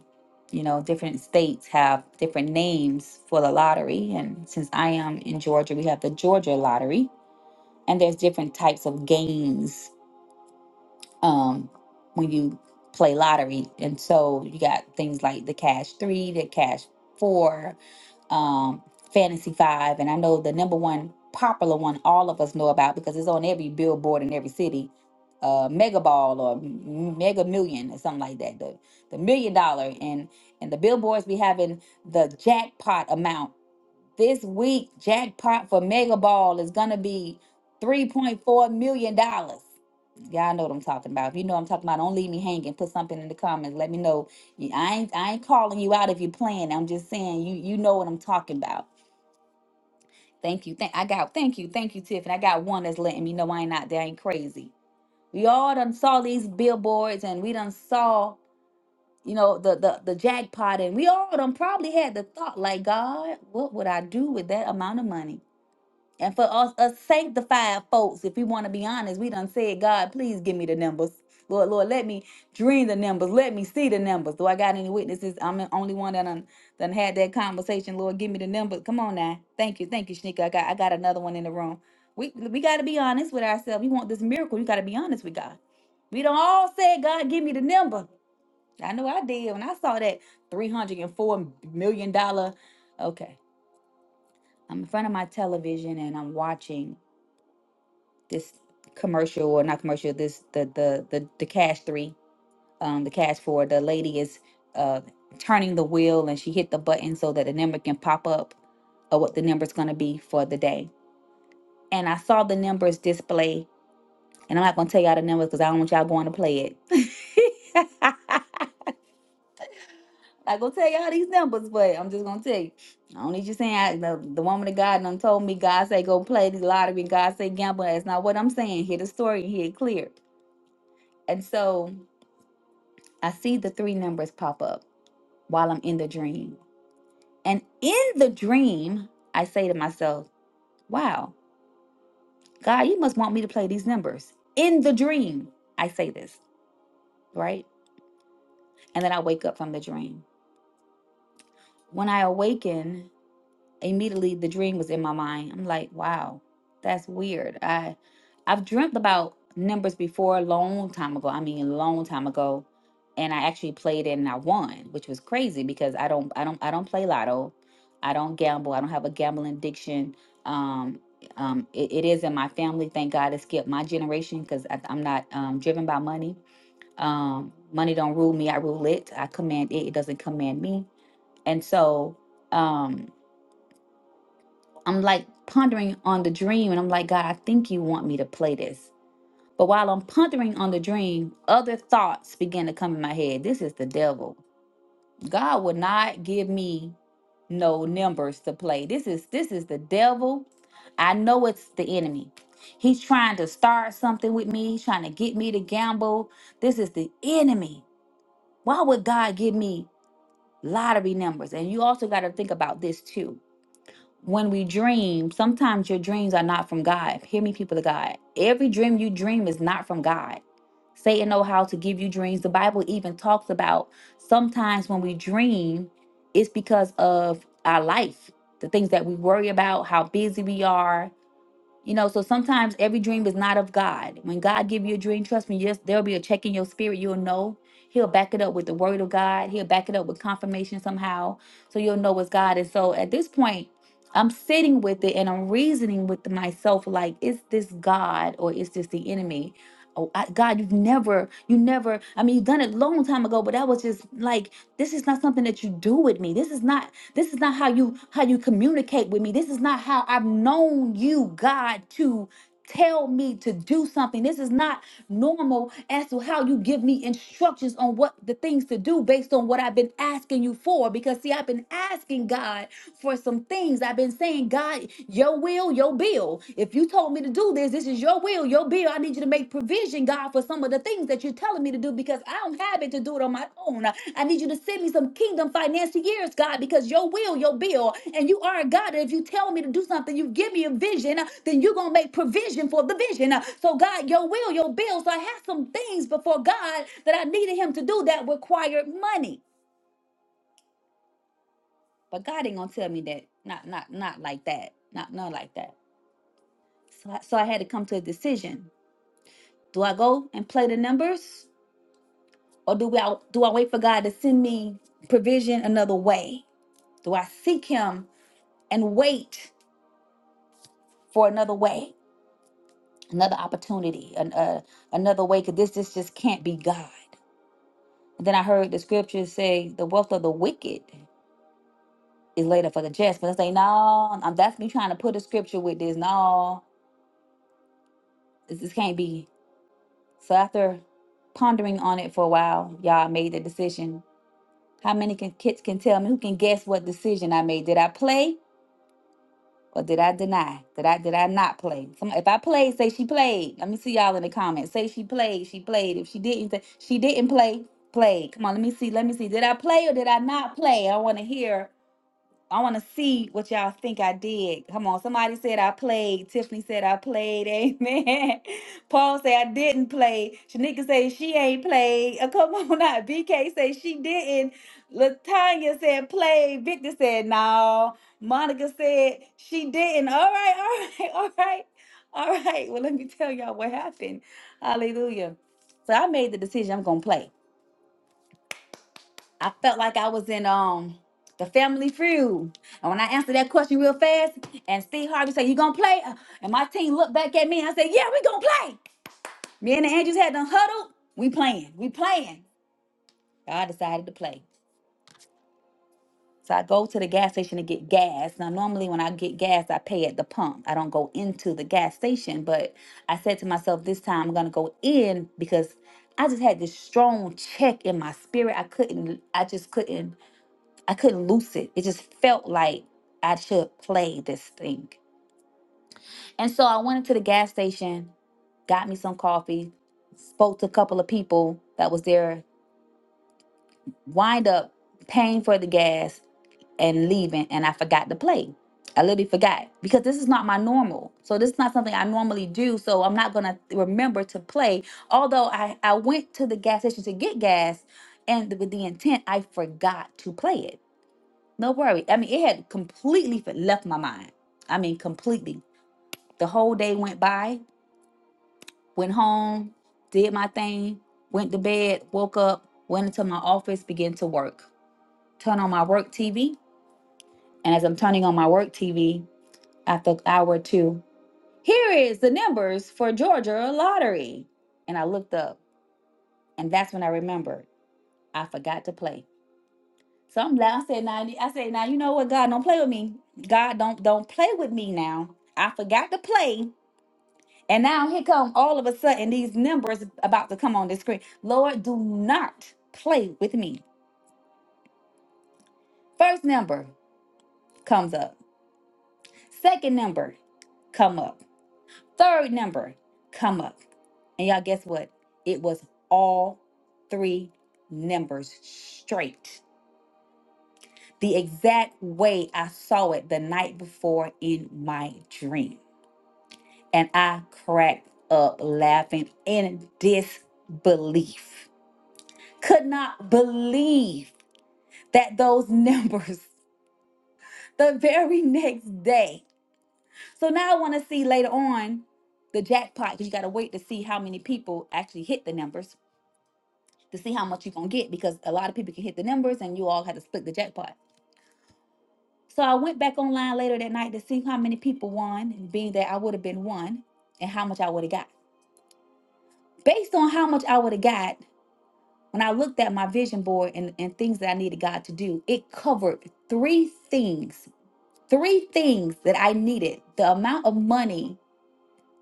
Speaker 3: You know, different states have different names for the lottery. And since I am in Georgia, we have the Georgia lottery and there's different types of games um, when you play lottery and so you got things like the cash three the cash four um, fantasy five and i know the number one popular one all of us know about because it's on every billboard in every city uh, mega ball or M- mega million or something like that the, the million dollar and and the billboards be having the jackpot amount this week jackpot for Mega Ball is gonna be three point four million dollars. Y'all know what I'm talking about. If you know what I'm talking about, don't leave me hanging. Put something in the comments. Let me know. You- I ain't I ain't calling you out if you're playing. I'm just saying you you know what I'm talking about. Thank you. Thank I got thank you, thank you, Tiffany. I got one that's letting me know I ain't out there, I ain't crazy. We all done saw these billboards and we done saw, you know, the the the jackpot and we all done probably had the thought like, God, what would I do with that amount of money? And for us, us sanctified folks, if we want to be honest, we done said, God, please give me the numbers. Lord, Lord, let me dream the numbers. Let me see the numbers. Do I got any witnesses? I'm the only one that done, done had that conversation. Lord, give me the numbers. Come on now. Thank you. Thank you, Shanika. I got I got another one in the room. We we gotta be honest with ourselves. We want this miracle. You gotta be honest with God. We don't all say, God, give me the number. I know I did when I saw that $304 million. dollar. Okay. I'm in front of my television and I'm watching this commercial or not commercial this the the the, the cash three um the cash four the lady is uh turning the wheel and she hit the button so that the number can pop up of what the number's going to be for the day and i saw the numbers display and i'm not going to tell y'all the numbers because i don't want y'all going to play it <laughs> not gonna tell y'all these numbers, but I'm just gonna tell you. I don't need you saying I, the, the woman of God done told me God say go play the lottery, God say gamble. That's not what I'm saying. Hear the story, hear it clear. And so I see the three numbers pop up while I'm in the dream. And in the dream, I say to myself, wow, God, you must want me to play these numbers. In the dream, I say this, right? And then I wake up from the dream. When I awaken, immediately the dream was in my mind. I'm like, wow, that's weird. I I've dreamt about numbers before a long time ago. I mean, a long time ago, and I actually played it and I won, which was crazy because I don't I don't I don't play lotto, I don't gamble, I don't have a gambling addiction. Um, um, it, it is in my family. Thank God it skipped my generation because I'm not um, driven by money. Um, money don't rule me. I rule it. I command it. It doesn't command me. And so. Um, I'm like pondering on the dream and I'm like, God, I think you want me to play this. But while I'm pondering on the dream, other thoughts began to come in my head. This is the devil. God would not give me no numbers to play. This is this is the devil. I know it's the enemy. He's trying to start something with me. He's trying to get me to gamble. This is the enemy. Why would God give me lottery numbers? And you also got to think about this too when we dream, sometimes your dreams are not from God. Hear me, people of God. Every dream you dream is not from God. Satan know how to give you dreams. The Bible even talks about sometimes when we dream, it's because of our life, the things that we worry about, how busy we are, you know, so sometimes every dream is not of God. When God give you a dream, trust me, yes, there'll be a check in your spirit. You'll know. He'll back it up with the word of God. He'll back it up with confirmation somehow. So you'll know it's God. And so at this point, I'm sitting with it and I'm reasoning with myself like, is this God or is this the enemy? Oh, I, God, you've never, you never, I mean, you've done it long time ago, but that was just like, this is not something that you do with me. This is not this is not how you how you communicate with me. This is not how I've known you, God, to tell me to do something. This is not normal as to how you give me instructions on what the things to do based on what I've been asking you for. Because see, I've been asking God for some things. I've been saying, God, your will, your bill. If you told me to do this, this is your will, your bill. I need you to make provision, God, for some of the things that you're telling me to do because I don't have it to do it on my own. I need you to send me some kingdom financiers, God, because your will, your bill, and you are a God. that If you tell me to do something, you give me a vision, uh, then you're going to make provision for the vision. Uh, So, God, your will, your bill. So, I have some things before God that I needed Him to do that required money. But God ain't going to tell me that. Not, not, not like that. Not, not like that. So, I- so I had to come to a decision. Do I go and play the numbers? Or do, we, do I wait for God to send me provision another way? Do I seek him and wait for another way, another opportunity, an, uh, another way? Because this, this just can't be God. And then I heard the scriptures say the wealth of the wicked is laid up for the just. But I say, no, I'm, that's me trying to put a scripture with this. No, this, this can't be. So after pondering on it for a while, y'all I made the decision. How many can, kids can tell me who can guess what decision I made? Did I play? Or did I deny? Did I did I not play? Come if I played, say she played. Let me see y'all in the comments. Say she played, she played. If she didn't, say she didn't play, played. Come on, let me see. Let me see. Did I play or did I not play? I want to hear. I want to see what y'all think I did. Come on, somebody said I played. Tiffany said I played. Amen. <laughs> Paul said I didn't play. Shanika said she ain't played. Uh, come on out. BK <laughs> said she didn't. Latanya said played. Victor said no. Monica said she didn't. All right, all right, <laughs> all right, all right. Well, let me tell y'all what happened. Hallelujah. So I made the decision I'm gonna play. I felt like I was in um the family feud. And when I answered that question real fast, and Steve Harvey said, You gonna play? Uh, And my team looked back at me and I said, Yeah, we gonna play. Me and the Angels had done huddled. We playing, we playing. I decided to play. So I go to the gas station to get gas. Now normally when I get gas, I pay at the pump. I don't go into the gas station, but I said to myself this time I'm gonna go in because I just had this strong check in my spirit. I couldn't, I just couldn't I couldn't loose it. It just felt like I should play this thing. And so I went into the gas station, got me some coffee, spoke to a couple of people that was there, wind up paying for the gas and leaving, and I forgot to play. I literally forgot because this is not my normal. So this is not something I normally do. So I'm not gonna remember to play. Although I, I went to the gas station to get gas and with the intent I forgot to play it. No worry. I mean, it had completely f- left my mind. I mean, completely. The whole day went by, went home, did my thing, went to bed, woke up, went into my office, began to work. Turn on my work TV. And as I'm turning on my work TV, after an hour or two, here is the numbers for Georgia lottery. And I looked up, and that's when I remembered I forgot to play. Some like, I said, now I said, now you know what, God, don't play with me. God, don't don't play with me now. I forgot to play. And now here come all of a sudden these numbers about to come on the screen. Lord, do not play with me. First number comes up. Second number come up. Third number come up. And y'all guess what? It was all three numbers straight. The exact way I saw it the night before in my dream. and I cracked up laughing in disbelief. Could not believe that those numbers <laughs> the very next day. So now I want to see later on the jackpot because you got to wait to see how many people actually hit the numbers to see how much you're going to get because a lot of people can hit the numbers and you all had to split the jackpot. So I went back online later that night to see how many people won, and being that I would have been one and how much I would have got. Based on how much I would have got, When I looked at my vision board and, and things that I needed God to do, it covered three things, three things that I needed. The amount of money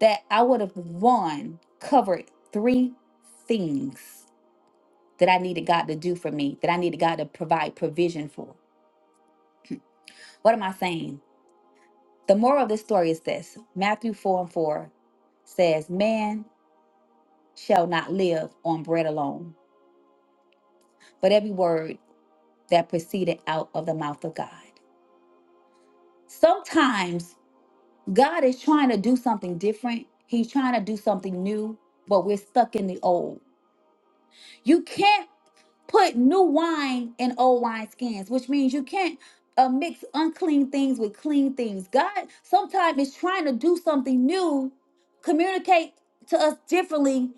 Speaker 3: that I would have won covered three things that I needed God to do for me, that I needed God to provide provision for. What am I saying? The moral of this story is this Matthew 4 and 4 says, Man shall not live on bread alone, but every word that proceeded out of the mouth of God. Sometimes God is trying to do something different. He's trying to do something new, but we're stuck in the old. You can't put new wine in old wine skins, which means you can't uh, mix unclean things with clean things. God sometimes is trying to do something new, communicate to us differently,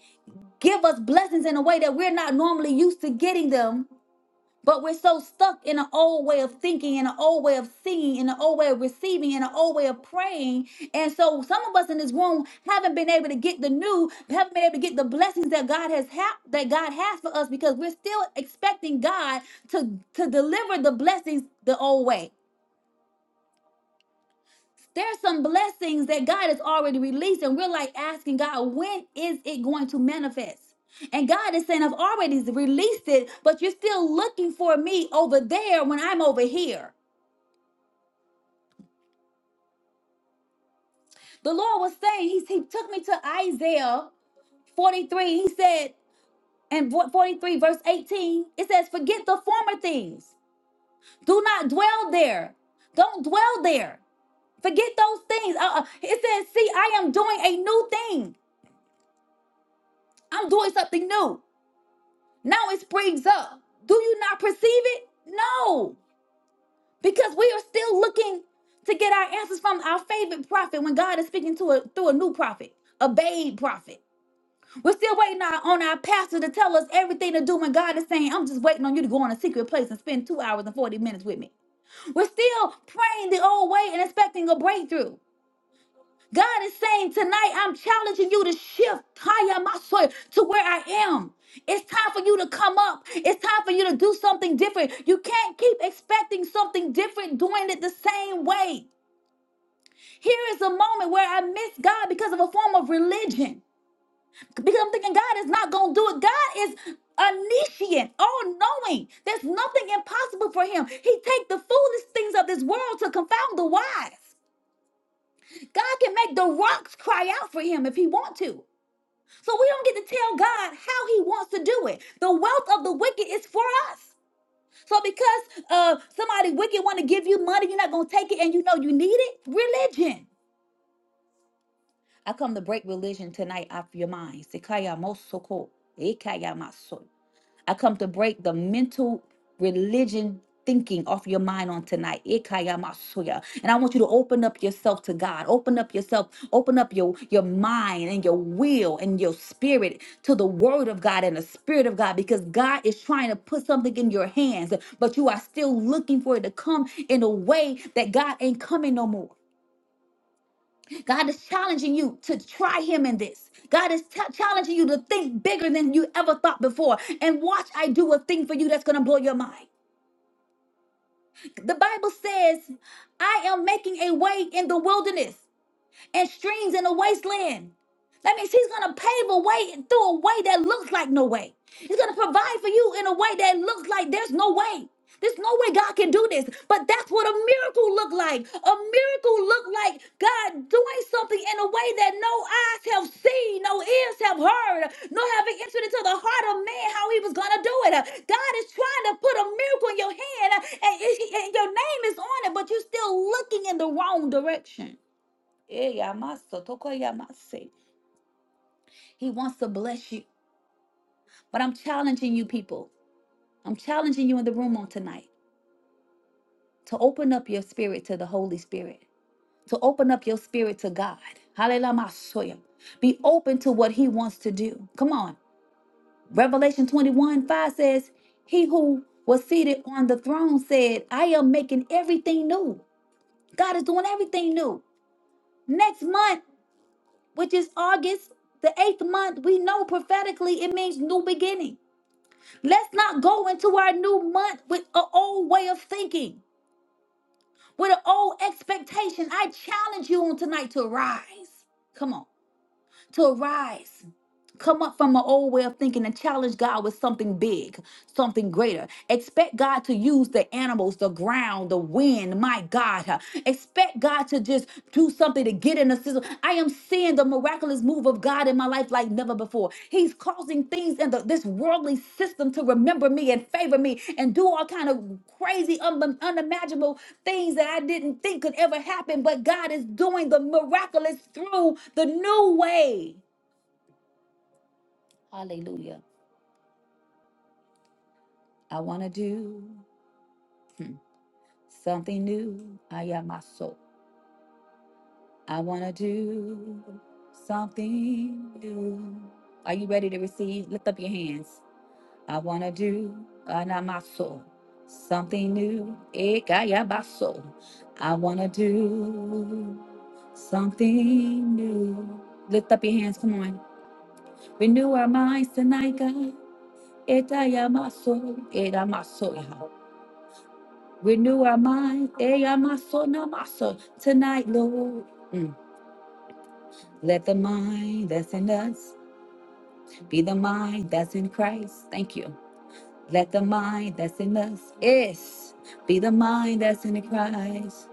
Speaker 3: give us blessings in a way that we're not normally used to getting them but we're so stuck in an old way of thinking, in an old way of seeing, in an old way of receiving, in an old way of praying. And so some of us in this room haven't been able to get the new, haven't been able to get the blessings that God has ha- that God has for us because we're still expecting God to, to deliver the blessings the old way. There's some blessings that God has already released, and we're like asking God, when is it going to manifest? And God is saying, I've already released it, but you're still looking for me over there when I'm over here. The Lord was saying, He, he took me to Isaiah 43. He said, and vo- 43 verse 18, it says, Forget the former things. Do not dwell there. Don't dwell there. Forget those things. Uh, uh, it says, See, I am doing a new thing. I'm doing something new. Now it springs up. Do you not perceive it? No, because we are still looking to get our answers from our favorite prophet when God is speaking to a, through a new prophet, a babe prophet. We're still waiting on on our pastor to tell us everything to do when God is saying, I'm just waiting on you to go on a secret place and spend two hours and 40 minutes with me. We're still praying the old way and expecting a breakthrough. God is saying tonight, I'm challenging you to shift higher my soul to where I am. It's time for you to come up. It's time for you to do something different. You can't keep expecting something different, doing it the same way. Here is a moment where I miss God because of a form of religion. Because I'm thinking God is not going to do it. God is omniscient, all knowing. There's nothing impossible for him. He take the foolish things of this world to confound the wise. God can make the rocks cry out for him if he want to. So we don't get to tell God how He wants to do it. The wealth of the wicked is for us. So because uh, somebody wicked want to give you money, you're not gonna take it, and you know you need it. Religion. I come to break religion tonight off your minds. I come to break the mental religion thinking off your mind on tonight. Ikaya masuya. And I want you to open up yourself to God. Open up yourself. Open up your, your mind and your will and your spirit to the word of God and the spirit of God because God is trying to put something in your hands, but you are still looking for it to come in a way that God ain't coming no more. God is challenging you to try him in this. God is t- challenging you to think bigger than you ever thought before. And watch, I do a thing for you that's going to blow your mind. The Bible says, I am making a way in the wilderness and streams in the wasteland. That means he's gonna pave a way through a way that looks like no way. He's gonna provide for you in a way that looks like there's no way. There's no way God can do this. But that's what a miracle look like. A miracle look like God doing something in a way that no eyes have seen, no ears have heard, no having entered into the heart of man how he was gonna do it. God is trying to put a miracle in your hand and, it- and your name is on it, but you're still looking in the wrong direction. Eh, yamaso, toko yamase. He wants to bless you. But I'm challenging you, people. I'm challenging you in the room on tonight to open up your spirit to the Holy Spirit, to open up your spirit to God. Hallelujah. masoya. Be open to what He wants to do. Come on. Revelation 21 5 says, He who was seated on the throne said, I am making everything new. God is doing everything new. Next month, which is August, the eighth month, we know prophetically it means new beginning. Let's not go into our new month with an old way of thinking, with an old expectation. I challenge you on tonight to rise. Come on, to rise come up from an old way of thinking and challenge God with something big, something greater. Expect God to use the animals, the ground, the wind. My God, huh? expect God to just do something to get in the system. I am seeing the miraculous move of God in my life like never before. He's causing things in the, this worldly system to remember me and favor me and do all kind of crazy, un- unimaginable things that I didn't think could ever happen. But God is doing the miraculous through the new way. Hallelujah. I want to do hmm, something new. I am my soul. I want to do something new. Are you ready to receive? Lift up your hands. I want to do anamaso, something new. Ekayabaso. I want to do something new. Lift up your hands. Come on. Renew our minds tonight, God. Etayamaso, edamaso. Renew our minds. Eh, yamaso, namaso. Tonight, Lord. Mm. Let the mind that's in us be the mind that's in Christ. Thank you. Let the mind that's in us is be the mind that's in Christ.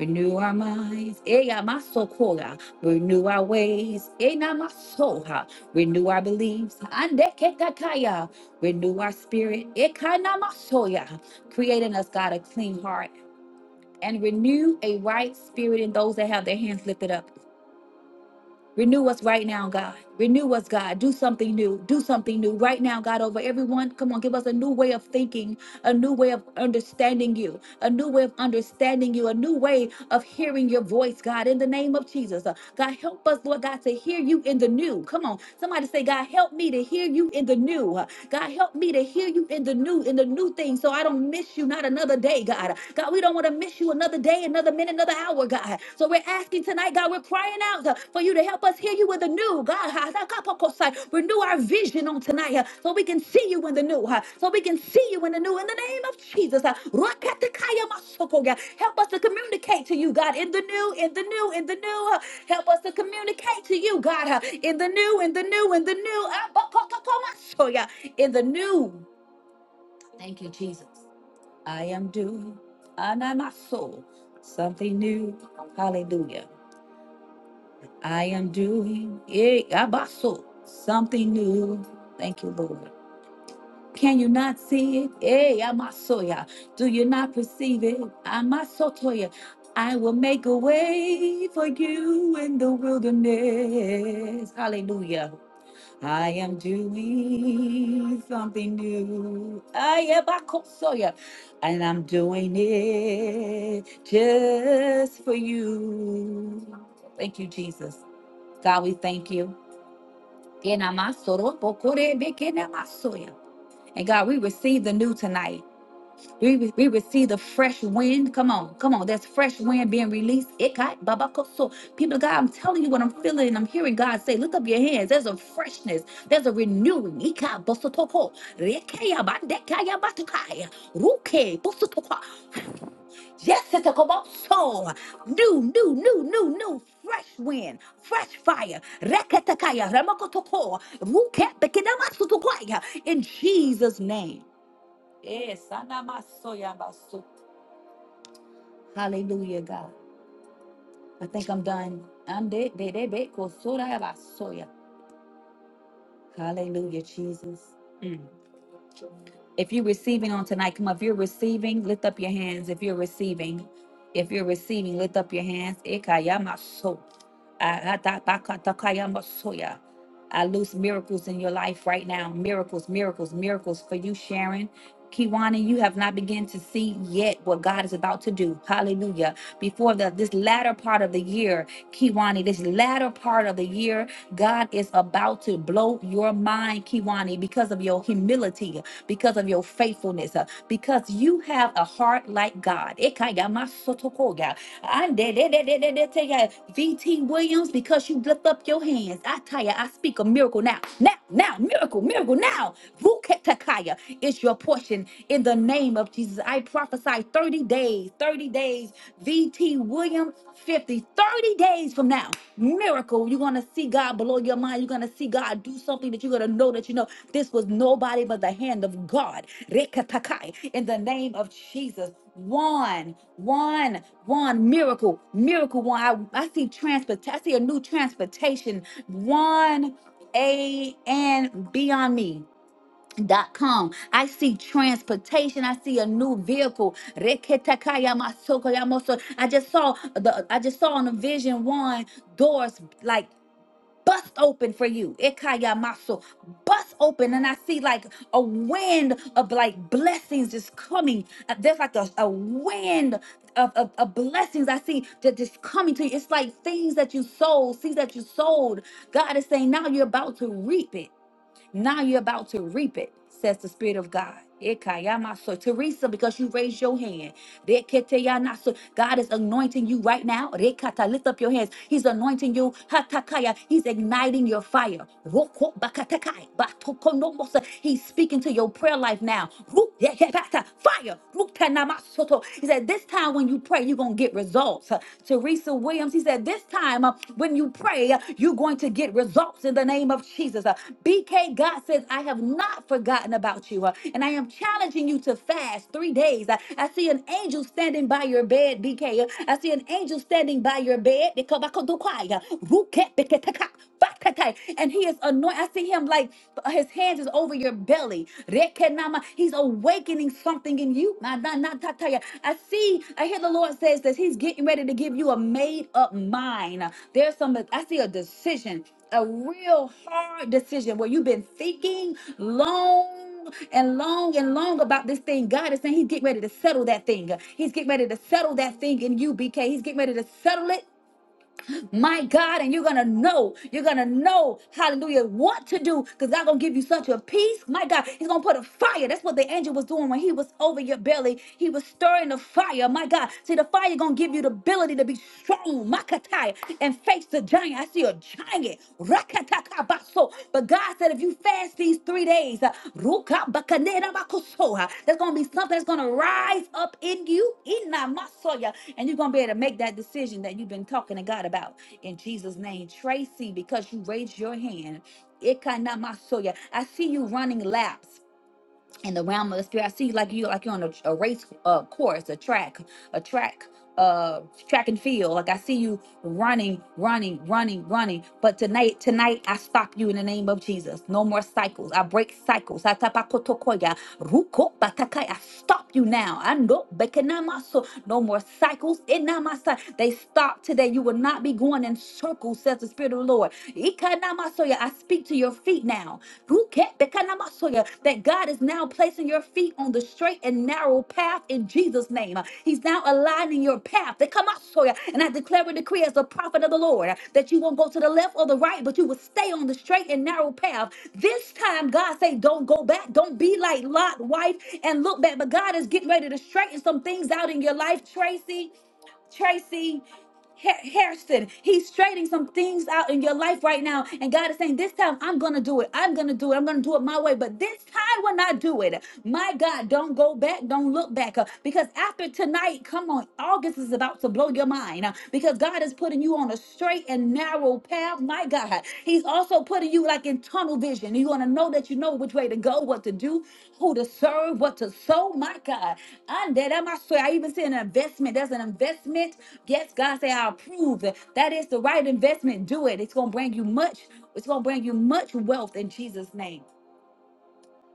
Speaker 3: Renew our minds. Eh, yamaso, kora. Renew our ways. Eh, namaso, ha. Renew our beliefs. Ande ketakaya. Renew our spirit. Eh, kanamaso, ya. Create in us, God, a clean heart and renew a right spirit in those that have their hands lifted up. Renew us right now, God. Renew us, God. Do something new. Do something new right now, God, over everyone. Come on, give us a new way of thinking, a new way of understanding you, a new way of understanding you, a new way of hearing your voice, God, in the name of Jesus. Uh, God, help us, Lord God, to hear you in the new. Come on, somebody say, God, help me to hear you in the new. Uh, God, help me to hear you in the new, in the new thing, so I don't miss you not another day, God. God, we don't want to miss you another day, another minute, another another hour, God. So we're asking tonight, God, we're crying out uh, for you to help us hear you in the new, God. Ha, da, ka, po, ko, sai. Renew our vision on tonight uh, so we can see you in the new, uh, so we can see you in the new. In the name of Jesus, uh, Rakatakaya masoko, God. help us to communicate to you, God, in the new, in the new, in the new. uh, Help us to communicate to you, God, uh, in the new, in the new, in the new. Ah, ba, ko, ko, ko, maso, yeah, In the new. Thank you, Jesus. I am doing under my soul something new. Hallelujah. I am doing eh, abaso, something new. Thank you, Lord. Can you not see it? Eh, amasoya. Do you not perceive it? Amasotoya. I will make a way for you in the wilderness. Hallelujah. I am doing something new. I am a Kosoya, and I'm doing it just for you. Thank you, Jesus. God, we thank you. Kena pokore be And God, we receive the new tonight. We, re- we receive the fresh wind. Come on, come on. That's fresh wind being released. It got babakoso. People, of God, I'm telling you what I'm feeling. and I'm hearing God say, lift up your hands. There's a freshness. There's a renewing. Ika bosotoko. Rekeya bandekaya batukaya. Ruke bosotoko. Yes, it's a koboso. New, new, new, new, new. Fresh wind, fresh fire. Reketakaya. Remakotoko. Ruke bekedamasutukaya. In Jesus' name. Yes, anamasoyamasu. Hallelujah, God. I think I'm done. I'm de dead, dead, dead. Go sort out about soya. Hallelujah, Jesus. Mm. If you're receiving on tonight, come up. If you're receiving, lift up your hands. If you're receiving, if you're receiving, lift up your hands. Ikayamaso. Ahatabakatakayamasoya. I loose miracles in your life right now. Miracles, miracles, miracles for you, Sharon. Kiwana, you have not begun to see yet what God is about to do. Hallelujah. Before the this latter part of the year, Kiwani, this latter part of the year, God is about to blow your mind, Kiwani, because of your humility because of your faithfulness, uh, because you have a heart like God. Ekayamasotokoya. Andedededededetaya. VT Williams, because you lift up your hands. I tell you, I speak a miracle now. Now, now, miracle, miracle now. Vuketakaya is your portion in the name of Jesus. I prophesy 30 days, 30 days. VT Williams, 50, 30. 30 days from now, miracle. You're going to see God blow your mind. You're going to see God do something that you're going to know that you know this was nobody but the hand of God. Rekatakai, In the name of Jesus. One, one, one miracle, miracle. One, I, I see transport. I see a new transportation. One, a and beyond me. Dot com. I see transportation. I see a new vehicle. Reketakaya masoko ya I just saw the I just saw in the vision one doors like bust open for you. Ekaya maso. Bust open. And I see like a wind of like blessings just coming. Uh, There's like a, a wind of, of, of blessings I see that just coming to you. It's like things that you sold, seeds that you sold. God is saying now you're about to reap it. Now you're about to reap it, says the Spirit of God. Ekayamaso. Teresa, because you raised your hand. Deketeyanaso. God is anointing you right now. Rekata, lift up your hands. He's anointing you. Hatakaya. He's igniting your fire. Roko bakatekai. Batokonomosa. He's speaking to your prayer life now. Ru- yekebata. Fire. Rutanamasoto. He said, This time when you pray, you're going to get results results. Teresa Williams, he said, This time uh, when you pray, uh, you're going to get results in the name of Jesus. Uh, BK God says, I have not forgotten about you. uh, and I am challenging you to fast three days. Uh, I see an angel standing by your bed, BK. Uh, I see an angel standing by your bed. Ekabakodokwaya, rukepeketeka, bakatai. And he is anointed. I see him like his hands is over your belly. Rekenama. He's awakening something in you. Na- na- na- ta- ta- ya. I see, I hear the Lord says that He's getting ready to give you a made up mind. There's some, I see a decision, a real hard decision where you've been thinking long and long and long about this thing. God is saying He's getting ready to settle that thing. He's getting ready to settle that thing in you, BK. He's getting ready to settle it my God, and you're gonna know, you're gonna know, hallelujah, what to do, because God gonna give you such a peace, my God. He's gonna put a fire. That's what the angel was doing when he was over your belly. He was stirring the fire, my God. See, the fire gonna give you the ability to be strong, makatai, and face the giant. I see a giant, baso. But God said, if you fast these three days, uh, ruka bakanera bakoso, uh, there's going to be something that's going to rise up in you, ina masoya, and you're going to be able to make that decision that you've been talking to God about. In Jesus' name, Tracy, because you raised your hand, ikana masoya, I see you running laps in the realm of the spirit. I see like you like you're on a, a race uh course, a track, a track, uh track and field. Like I see you running, running, running, running. But tonight, tonight I stop you in the name of Jesus. No more cycles. I break cycles. I tapakotokoya, ruko batakai. I stop you now. I know bekenamaso. No more cycles. Inamasa. They stop today. You will not be going in circles, says the Spirit of the Lord. Ikanamasoya, I speak to your feet now. Ruke- Bekanamasoya, That God is now placing your feet on the straight and narrow path in Jesus' name. He's now aligning your path. Dekamasoya, And I declare and decree as a prophet of the Lord that you won't go to the left or the right, but you will stay on the straight and narrow path. This time, God say, don't go back. Don't be like Lot, wife, and look back. But God is getting ready to straighten some things out in your life, Tracy. Tracy Ha- Harrison, he's straightening some things out in your life right now. And God is saying, This time I'm going to do it. I'm going to do it. I'm going to do it my way. But this time when I do it, my God, don't go back. Don't look back. Uh, Because after tonight, come on, August is about to blow your mind. Uh, Because God is putting you on a straight and narrow path. My God. God. He's also putting you like in tunnel vision. You're going to know that you know which way to go, what to do, who to serve, what to sow. My God. And that I swear, I even see an investment. There's an investment. Yes, God said, I approve. That is the right investment. Do it. It's going to bring you much. It's going to bring you much wealth in Jesus' name.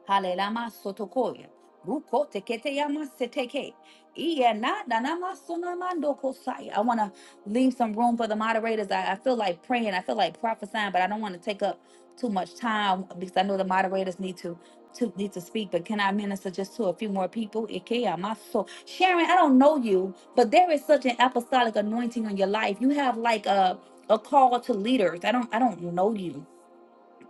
Speaker 3: Halelama sotokoya. Ruko tekete yama seteke. Iya na na na ma so ma ndo kosai. I want to leave some room for the moderators. I, I feel like praying. I feel like prophesying, but I don't want to take up too much time because I know the moderators need to to need to speak. But can I minister just to a few more people? Ike ama so. Sharon, I don't know you, but there is such an apostolic anointing on your life. You have like a a call to leaders. I don't I don't know you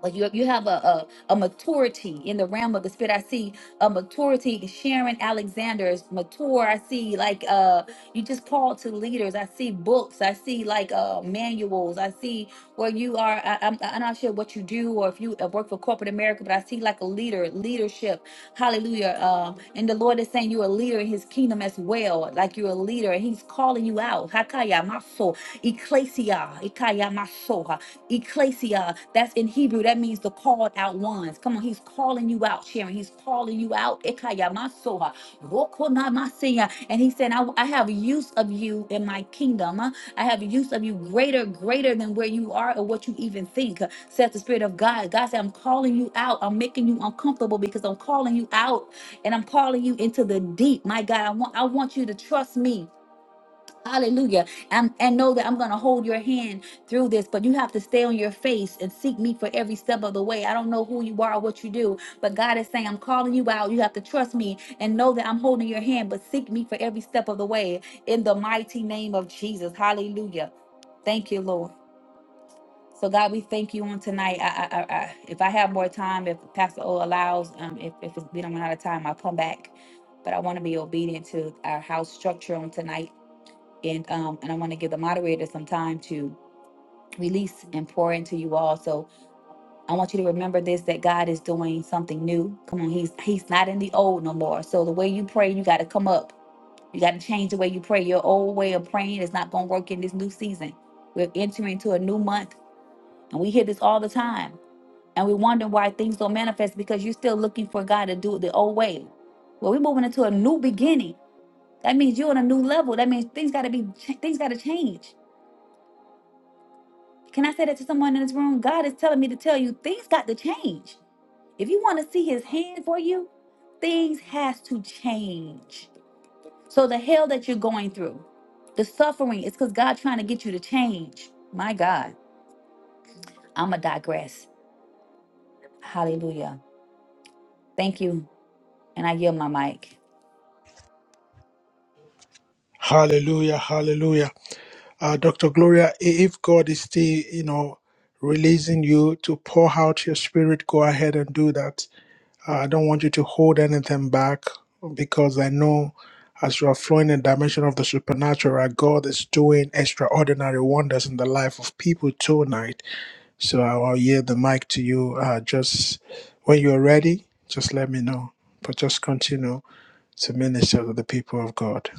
Speaker 3: like you you have a, a a maturity in the realm of the spirit. I see a maturity. Sharon Alexander is mature. I see like uh you just call to leaders. I see books. I see like uh manuals. I see where you are. I, I'm I'm not sure what you do or if you uh, work for corporate America, but I see like a leader leadership. Hallelujah. Um, and the Lord is saying you're a leader in His kingdom as well. Like you're a leader, and He's calling you out. Hakaya maso, ecclesia, ikaya maso ecclesia. That's in Hebrew. That means the called out ones. Come on, he's calling you out, Sharon. He's calling you out. Ekaya masoha, rokonamasia. And he said, I, I have use of you in my kingdom. I have use of you greater, greater than where you are or what you even think, says the Spirit of God. God said, I'm calling you out. I'm making you uncomfortable because I'm calling you out and I'm calling you into the deep. My God, I want I want you to trust me. Hallelujah. And, and know that I'm going to hold your hand through this, but you have to stay on your face and seek me for every step of the way. I don't know who you are or what you do, but God is saying, I'm calling you out. You have to trust me and know that I'm holding your hand, but seek me for every step of the way in the mighty name of Jesus. Hallelujah. Thank you, Lord. So, God, we thank you on tonight. I, I, I, I- if I have more time, if Pastor O allows, um, if, if it's been run out of time, I'll come back. But I want to be obedient to our house structure on tonight and um and I want to give the moderator some time to release and pour into you all. So I want you to remember this that God is doing something new. Come on, he's he's not in the old no more. So the way you pray, you got to come up. You got to change the way you pray. Your old way of praying is not going to work in this new season. We're entering into a new month and we hear this all the time. And we wonder why things don't manifest because you're still looking for God to do it the old way. Well, we're moving into a new beginning. That means you're on a new level. That means things got to be things got to change Can I say that to someone in this room? God is telling me to tell you things got to change. If you want to see his hand for you, things has to change. So the hell that you're going through, the suffering is because God trying to get you to change. My God, I'ma digress. Hallelujah. Thank you. And I yield my mic.
Speaker 1: Hallelujah, hallelujah. Uh, Dr. Gloria, i- if God is still, you know, releasing you to pour out your spirit, go ahead and do that. Uh, I don't want you to hold anything back because I know as you are flowing in the dimension of the supernatural, God is doing extraordinary wonders in the life of people tonight. So I'll I'll yield the mic to you. Uh, just when you're ready, just let me know. But just continue to minister to the people of God.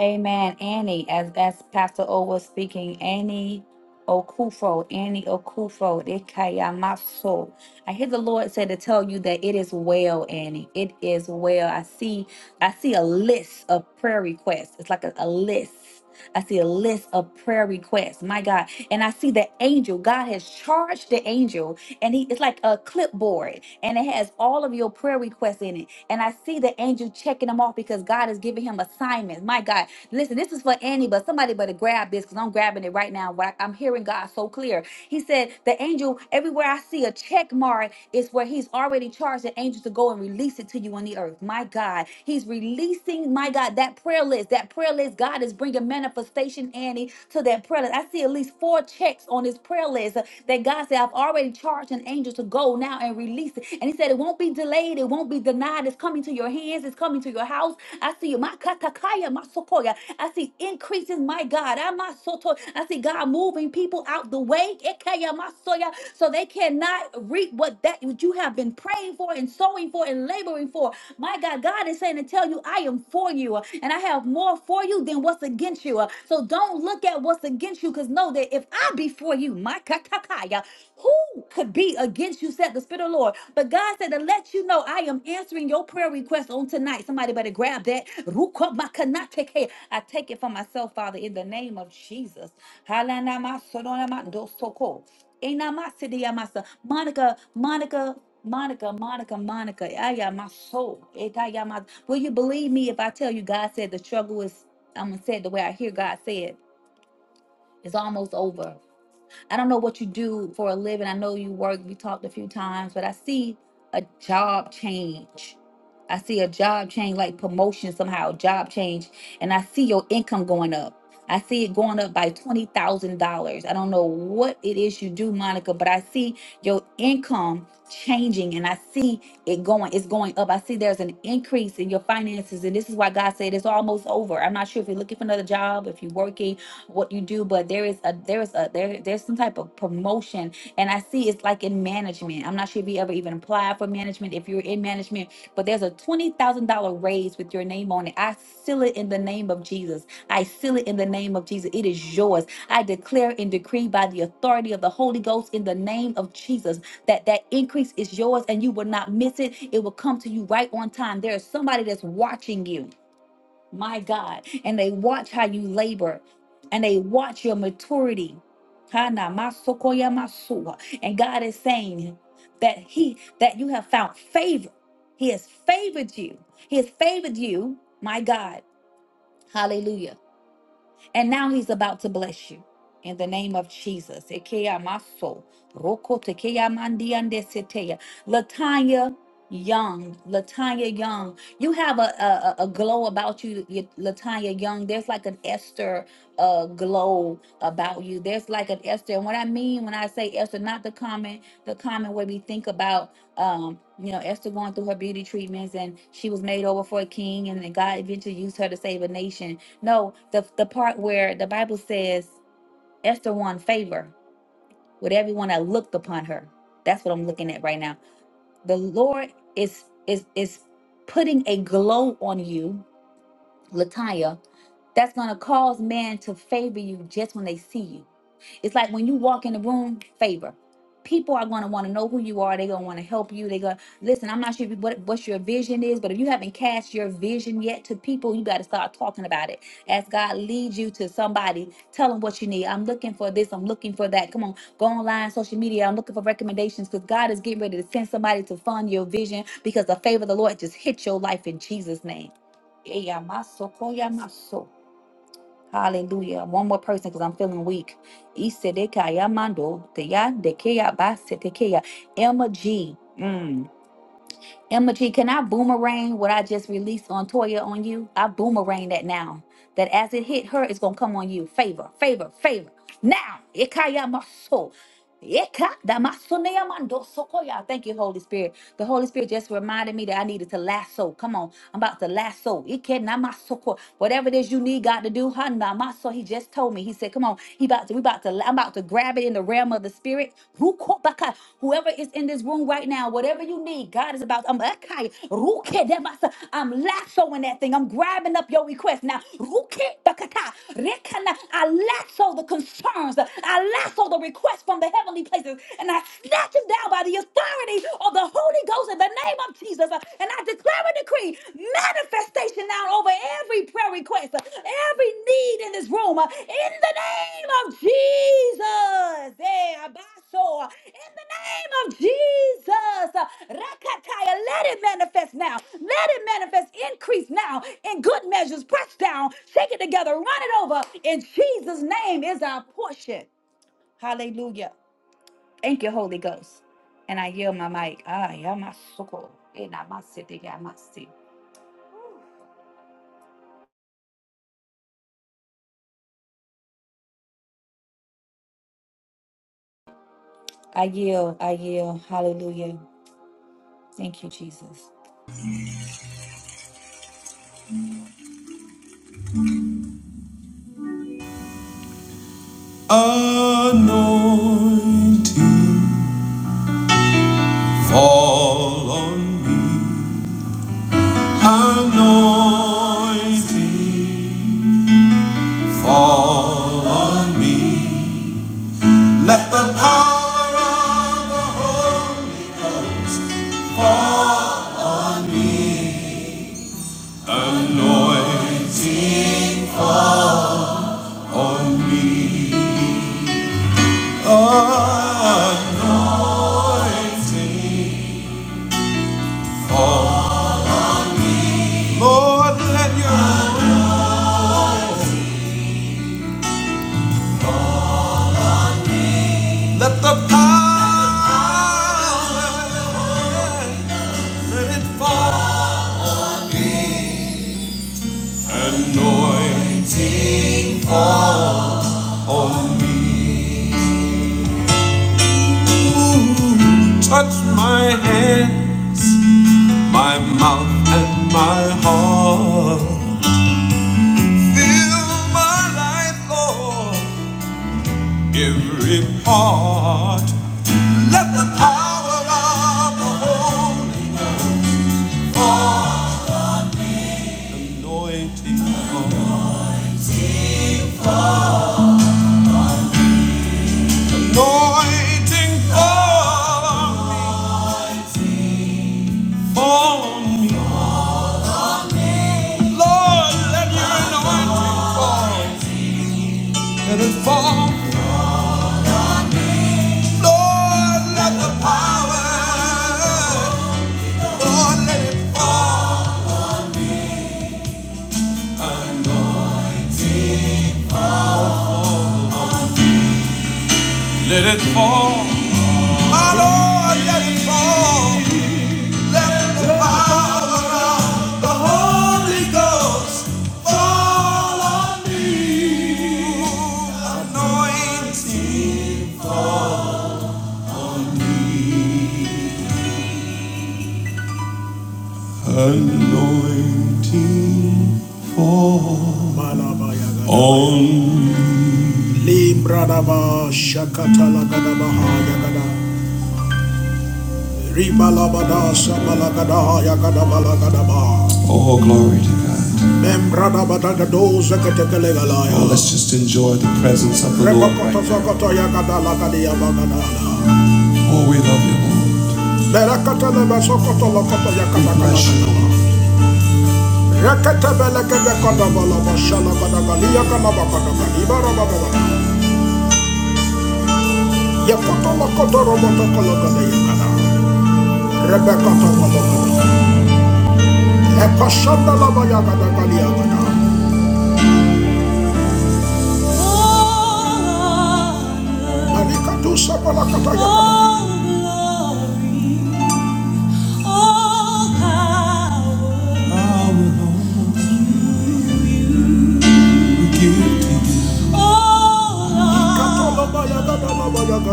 Speaker 3: Amen. Annie, as as Pastor O was speaking, Annie Okufo, Annie Okufo, Ikayamaso. I hear the Lord say to tell you that it is well, Annie. It is well. I see, I see a list of prayer requests. It's like a, a list. I see a list of prayer requests. My God. And I see the angel. God has charged the angel and he it's like a clipboard and it has all of your prayer requests in it and i see the angel checking them off because god is giving him assignments my god listen this is for annie but somebody better grab this because i'm grabbing it right now What I- i'm hearing god so clear he said, The angel, everywhere I see a check mark, is where he's already charged the angels to go and release it to you on the earth. My God, he's releasing, my God, that prayer list. That prayer list, God is bringing manifestation, Annie, to that prayer list. I see at least four checks on his prayer list uh, that God said, I've already charged an angel to go now and release it. And he said, It won't be delayed, it won't be denied. It's coming to your hands, it's coming to your house. I see see you. Makatakaya masokoya. I see increases, my God. Amasoto. I see God moving people out the way. Ekeya masoya, So they cannot reap what that what you have been praying for and sowing for and laboring for. My God, God is saying to tell you, I am for you, uh, and I have more for you than what's against you. uh, So don't look at what's against you, because know that if I be for you, my katakaya, who? could be against you, said the Spirit of the Lord. But God said to let you know I am answering your prayer request on tonight. Somebody better grab that. Rukomakanateke. I take it for myself, Father, in the name of Jesus. Halanamasonoramandosoko. Enamasidiamasa. Monica, Monica. Monica, Monica, Monica, Aya my soul. Itaya my- Will you believe me if I tell you God said the struggle is, I'm going to say it the way I hear God say it, it's almost over. I don't know what you do for a living. I know you work, we talked a few times, but I see a job change. I see a job change, like promotion somehow, job change, and I see your income going up. I see it going up by $20,000. I don't know what it is you do, Monica, but I see your income changing and I see it going, it's going up. I see there's an increase in your finances. And this is why God said it's almost over. I'm not sure if you're looking for another job, if you're working, what you do but there is a there is a there there's some type of promotion and i see it's like in management i'm not sure if you ever even applied for management if you're in management but there's a $20000 raise with your name on it i seal it in the name of jesus i seal it in the name of jesus it is yours i declare and decree by the authority of the holy ghost in the name of jesus that that increase is yours and you will not miss it it will come to you right on time there is somebody that's watching you my God, and they watch how you labor and they watch your maturity. Hana masokoya masua. And God is saying that He that you have found favor. He has favored you. He has favored you, my God. Hallelujah. And now he's about to bless you in the name of Jesus. Ekeya maso, roko tekeya mandi ande seteya. Latanya Young, Latanya Young, you have a, a, a a glow about you, you- Latanya Young. There's like an Esther uh, glow about you. There's like an Esther. And what I mean when I say Esther, not the common, the common way we think about, um, you know, Esther going through her beauty treatments and she was made over for a king and then God eventually used her to save a nation no, the the part where the Bible says Esther won favor with everyone that looked upon her. That's what I'm looking at right now. The Lord is is is putting a glow on you, Latanya, that's gonna cause man to favor you just when they see you. It's like when you walk in the room, favor. People are going to want to know who you are. They're going to want to help you. They're going to listen. I'm not sure if you- what, what your vision is, but if you haven't cast your vision yet to people, you got to start talking about it. As God leads you to somebody, tell them what you need. I'm looking for this. I'm looking for that. Come on, go online, social media. I'm looking for recommendations because God is getting ready to send somebody to fund your vision because the favor of the Lord just hit your life in Jesus' name. Yeah, my soul, call ya, my soul. Hallelujah. One more person because I'm feeling weak. Isedekaya mando teya dekeya basetekeya. Emma G. Mm. Emma G, can I boomerang what I just released on Toya on you? I boomerang that now. That as it hit her, it's gonna come on you. Favor, favor, favor. Now, ikaya maso. Ika damaso mando sokoya. Thank you, Holy Spirit. The Holy Spirit just reminded me that I needed to lasso. Come on, I'm about to lasso. Ike namasoko. Whatever it is you need God to do, ha namaso. He just told me. He said, Come on. He about to, we about to, I'm about to grab it in the realm of the spirit. Rukobaka. Whoever is in this room right now, whatever you need, God is about. I'm Akai. Rukedemasa. I'm lassoing that thing. I'm grabbing up your request now. Rukebakata. Rekana. I lasso the concerns. I lasso the requests from the heavenly places, and I snatch it down by the authority of the Holy Ghost in the name of Jesus. And I Declare a decree, manifestation now over every prayer request, uh, every need in this room, uh, in the name of Jesus. Eh, abaso. uh, In the name of Jesus. uh, Rakataya, let it manifest now. Let it manifest, increase now in good measures. Press down, shake it together, run it over. In Jesus' name is our portion. Hallelujah. Thank you, Holy Ghost. And I yield my mic. Ah, yamasoko. Enamasete, yamasi. I yield. I yield. Hallelujah. Thank you, Jesus.
Speaker 1: Anointing fall on me. Anointing fall on me. Let the power of the Holy on me. Anointing fall on me. Anointing. Oh, Lord, let your let the power let it fall. Anointing fall on me. Touch my hands, my mouth, and my heart. Fill my life, Lord, every part. Let the power of the Holy Anointing fall. Anointing fall. Anointing, Fall Fall on me. Lord, let your anointing fall. Let it fall. Lord, let the power. Lord, let it fall. Let it fall. My Lord, let it fall. Anointing. Anointing fall on me. Oh, glory to God. Oh, let's just enjoy the presence of the Lord right now. Oh, we love you, Lord. Fall on All glory, all power, all love, all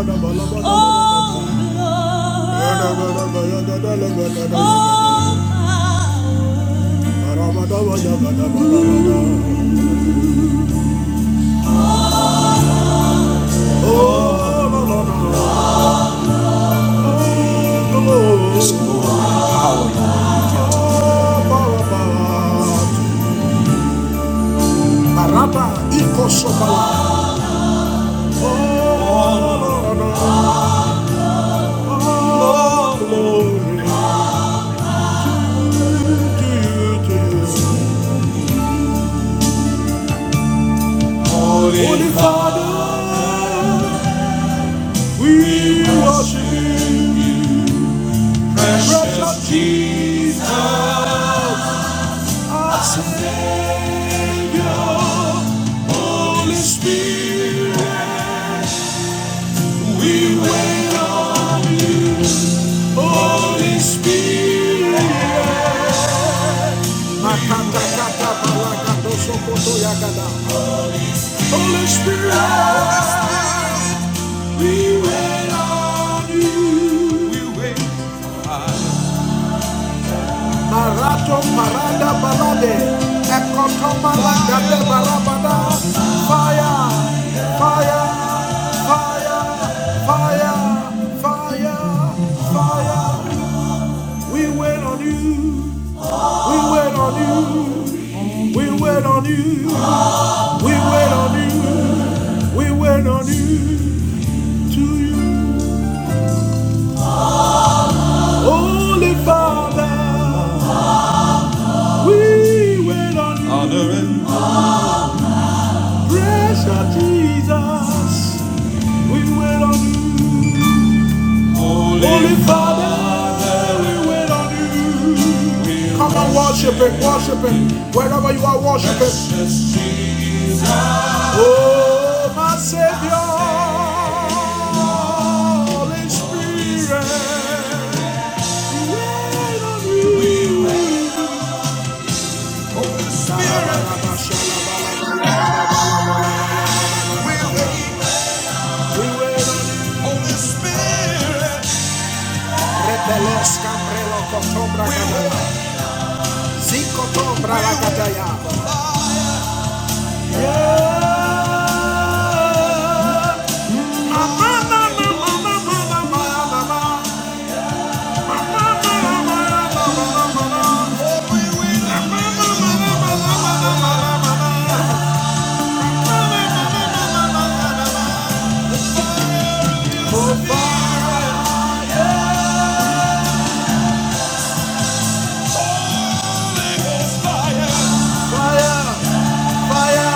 Speaker 1: glory, all power, Holy Father, We worship you, precious Jesus, our Savior, Holy Spirit. We wait, we wait, honor and holy, holy Spirit. Sepeles cambrelo cotobra gadaya, zinco tobra la gadaya. Ma, ma, ma, ma, ma, ma, ma, ma, ma, ma. Ma, ma, ma, ma, ma, ma, ma, ma, ma, ma. Ma, ma, ma, ma, ma, ma, ma, ma, ma. Oh, fire, fire.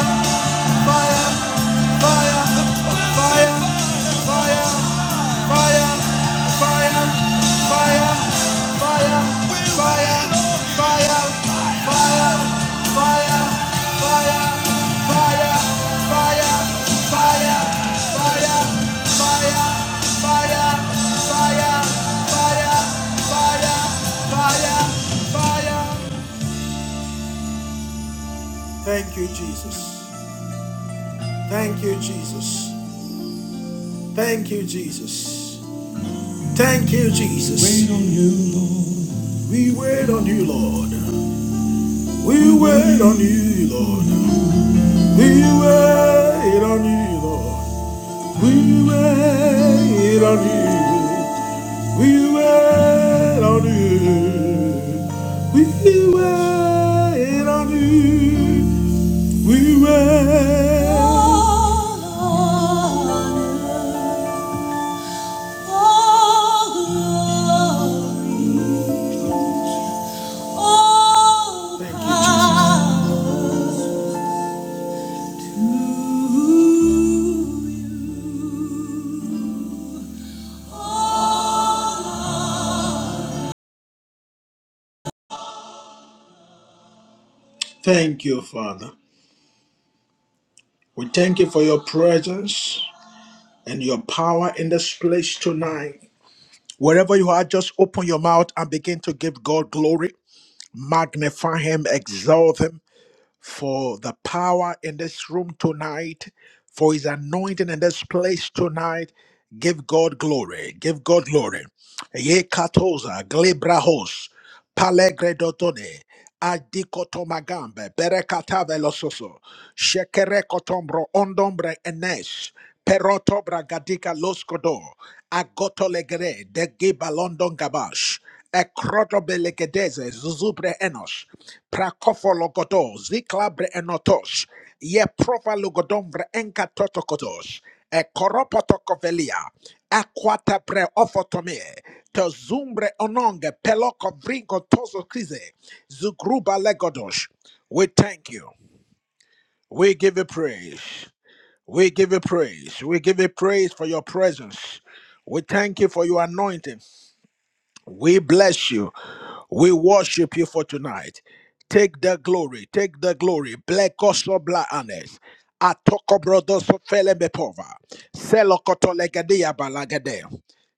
Speaker 1: Thank you, Father. We thank you for your presence. and your power in this place tonight. Wherever you are, just open your mouth and begin to give God glory. Magnify Him, exalt Him for the power in this room tonight, for His anointing in this place tonight. Give God glory. Give God glory. Ye katoza, glebrahos, palegredotone. Adikotomagambe, Berekatave lososo, Shekerekotombro, Ondombre Enes, Peroto gadika Loskodo, agotolegre de giba London Gabash, Ekrodobelegedeze, Zuzubre Enos, Prakofologodo, Ziklabre Enotos, Ye Prova Logodombre Enka Totokotos, ekoropotokovelia akwatapre ofotomie tozumbre ononge pelokobrinko tozo krize zugruba legodosh we thank you we give you praise we give you praise we give you praise for your presence we thank you for your anointing we bless you we worship you for tonight. Take the glory, take the glory. Blekosobla anes. Atoko brodos fele bepova. Selokoto legadia balagade.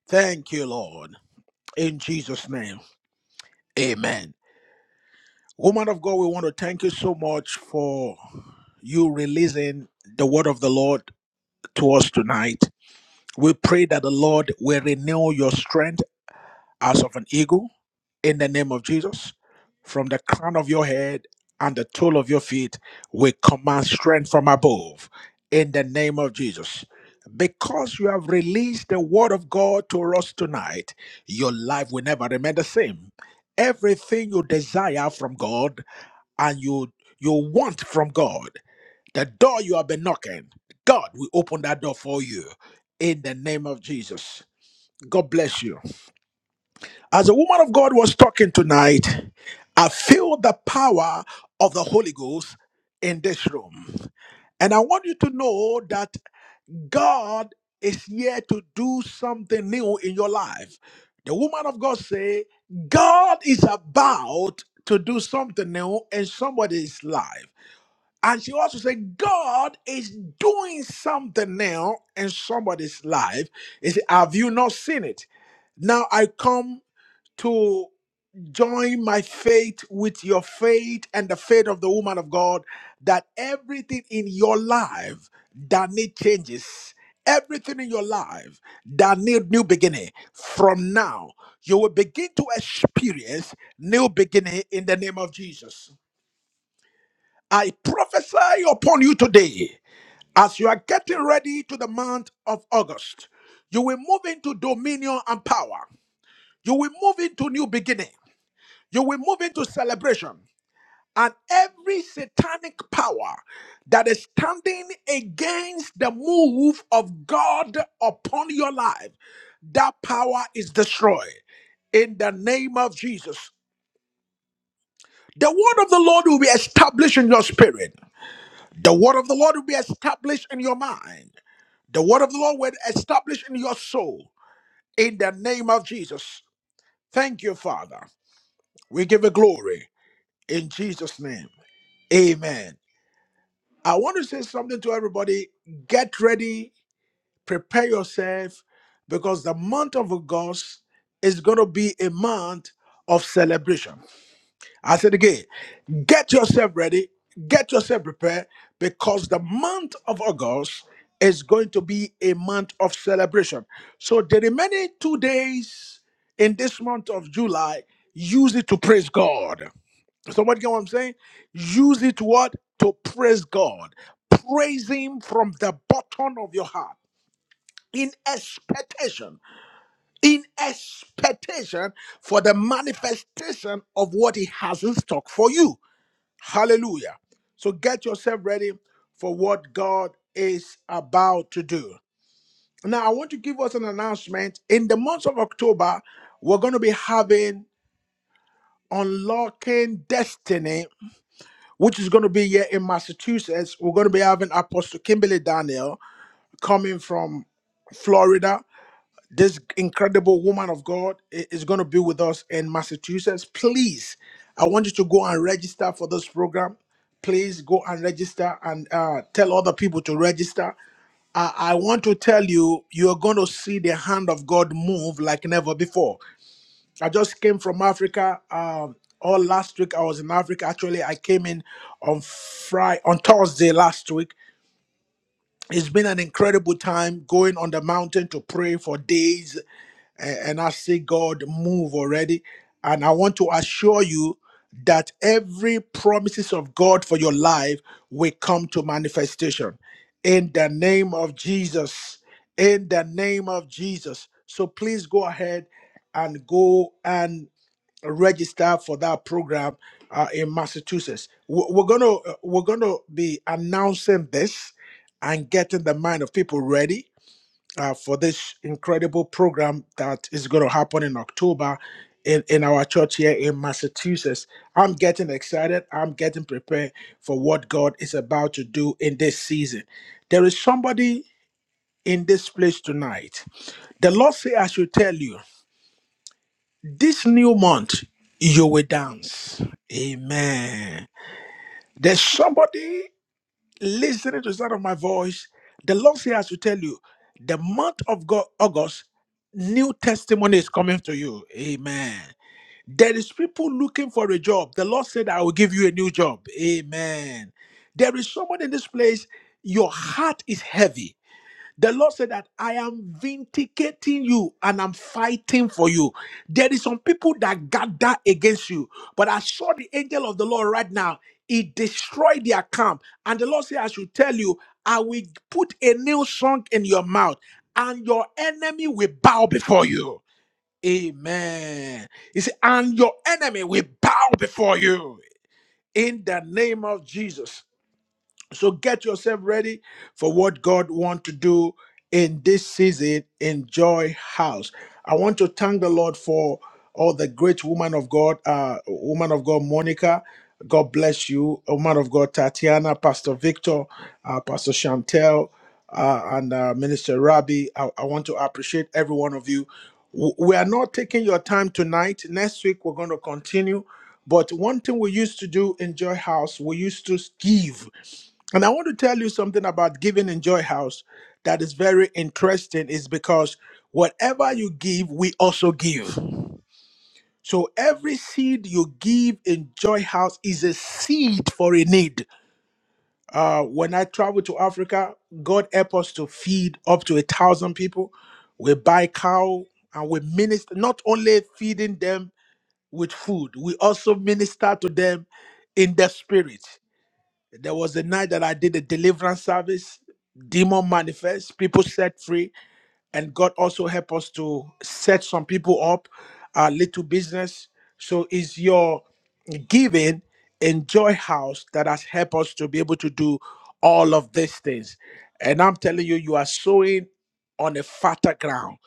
Speaker 1: Thank you, Lord. In Jesus' name. Amen. Woman of God, we want to thank you so much for you releasing the word of the Lord to us tonight. We pray that the Lord will renew your strength as of an eagle in the name of Jesus. From the crown of your head and the toe of your feet, we command strength from above in the name of Jesus. Because you have released the word of God to us tonight, your life will never remain the same. Everything you desire from God and you you want from God, the door you have been knocking, God will open that door for you in the name of Jesus. God bless you. As a woman of God was talking tonight, I feel the power of the Holy Ghost in this room. And I want you to know that God is here to do something new in your life. The woman of God say, God is about to do something new in somebody's life. And she also said, God is doing something new in somebody's life. He said, Have you not seen it? Now I come to Join my faith with your faith and the faith of the woman of God that everything in your life that need changes, everything in your life that need new beginning. From now, you will begin to experience new beginning in the name of Jesus. I prophesy upon you today as you are getting ready to the month of August. You will move into dominion and power. You will move into new beginning. You will move into celebration. and every satanic power that is standing against the move of God upon your life, that power is destroyed in the name of Jesus. The word of the Lord will be established in your spirit. The word of the Lord will be established in your mind. The word of the Lord will be established in your soul in the name of Jesus. Thank you, Father. We give you glory in Jesus' name. Amen. I want to say something to everybody. Get ready, prepare yourself, because the month of August is going to be a month of celebration. I said again, get yourself ready, get yourself prepared, because the month of August is going to be a month of celebration. So the remaining two days in this month of July, use it to praise God. Somebody get what I'm saying? Use it to what? To praise God. Praise Him from the bottom of your heart. In expectation, in expectation for the manifestation of what He has in stock for you. Hallelujah. So get yourself ready for what God is about to do. Now, I want to give us an announcement. In the month of October, we're going to be having Unlocking Destiny which is going to be here in Massachusetts. We're going to be having Apostle Kimberly Daniel coming from Florida. This incredible woman of God i- is going to be with us in Massachusetts. Please, I want you to go and register for this program. Please go and register and uh, tell other people to register. I, I want to tell you, you are going to see the hand of God move like never before. I just came from Africa. Um, all last week I was in Africa. Actually, I came in on Friday, on Thursday last week. It's been an incredible time going on the mountain to pray for days, and I see God move already. And I want to assure you that every promises of God for your life will come to manifestation in the name of Jesus. In the name of Jesus. So please go ahead and go and register for that program uh, in Massachusetts. We- We're gonna uh, we're gonna be announcing this and getting the mind of people ready uh, for this incredible program that is going to happen in October in, in our church here in Massachusetts. I'm getting excited. I'm getting prepared for what God is about to do in this season. There is somebody in this place tonight. The Lord say, I should tell you, this new month, you will dance. Amen. There's somebody listening to the sound of my voice, the Lord says has to tell you, the month of God, August, new testimony is coming to you. Amen. There is people looking for a job. The Lord said, I will give you a new job. Amen. There is someone in this place, your heart is heavy the Lord said that I am vindicating you and I'm fighting for you. There is some people that gather against you, but I saw the angel of the Lord right now. He destroyed their camp. And the Lord said, I should tell you, I will put a new song in your mouth, and your enemy will bow before you. Amen. He said, and your enemy will bow before you in the name of Jesus. So get yourself ready for what God wants to do in this season in Joy House. I want to thank the Lord for all the great woman of God, uh, woman of God, Monica. God bless you, woman of God, Tatiana, Pastor Victor, uh, Pastor Chantel, uh, and uh, Minister Rabi. I, I want to appreciate every one of you. W- We are not taking your time tonight. Next week, we're going to continue. But one thing we used to do in Joy House, we used to give and I want to tell you something about giving in Joy House that is very interesting, is because whatever you give, we also give. So every seed you give in Joy House is a seed for a need. Uh, when I travel to Africa, God help us to feed up to a thousand people. We buy cow and we minister, not only feeding them with food, we also minister to them in the spirit. There was the night that I did a deliverance service, demon manifest, people set free, and God also helped us to set some people up, a little business. So it's your giving in Joy House that has helped us to be able to do all of these things. And I'm telling you, you are sowing on a fatter ground.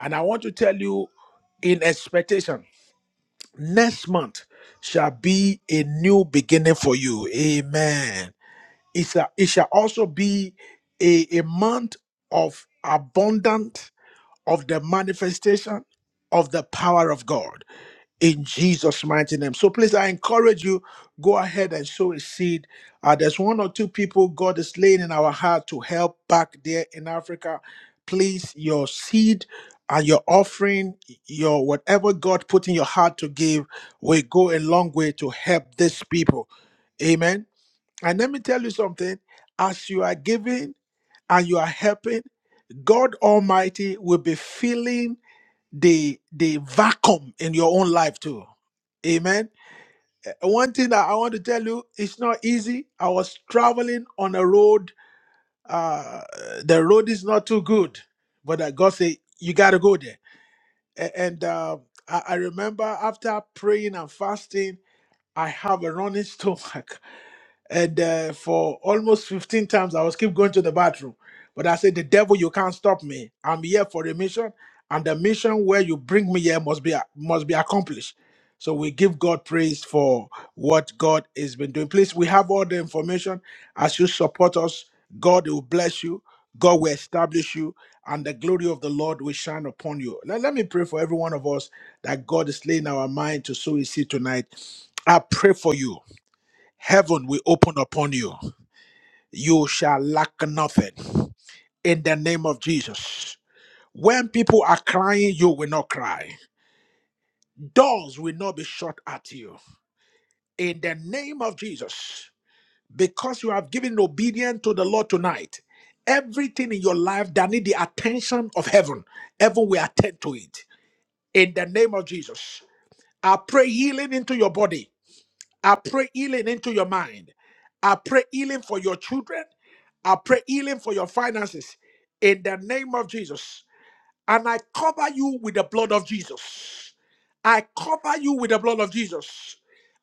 Speaker 1: And I want to tell you in expectation, next month shall be a new beginning for you. Amen. It shall, it shall also be a, a month of abundant of the manifestation of the power of God in Jesus' mighty name. So please, I encourage you, go ahead and sow a seed. Uh, there's one or two people God is laying in our heart to help back there in Africa. Please, your seed and your offering, your whatever God put in your heart to give, will go a long way to help these people. Amen. And let me tell you something as you are giving and you are helping, God Almighty will be filling the, the vacuum in your own life too. Amen. One thing that I want to tell you, it's not easy. I was traveling on a road. Uh, the road is not too good, but uh, God said, You got to go there. A- And uh, I, I remember after praying and fasting, I have a running stomach. <laughs> and uh, for almost 15 times i was keep going to the bathroom but i said the devil you can't stop me i'm here for a mission and the mission where you bring me here must be must be accomplished so we give god praise for what god has been doing please we have all the information as you support us god will bless you god will establish you and the glory of the lord will shine upon you let, let me pray for every one of us that god is laying our mind to sow his seed tonight i pray for you Heaven will open upon you. You shall lack nothing in the name of Jesus. When people are crying, you will not cry. Doors will not be shut at you in the name of Jesus. Because you have given obedience to the Lord tonight, everything in your life that need the attention of heaven, heaven will attend to it in the name of Jesus. I pray healing into your body. I pray healing into your mind. I pray healing for your children. I pray healing for your finances in the name of Jesus. And I cover you with the blood of Jesus. I cover you with the blood of Jesus.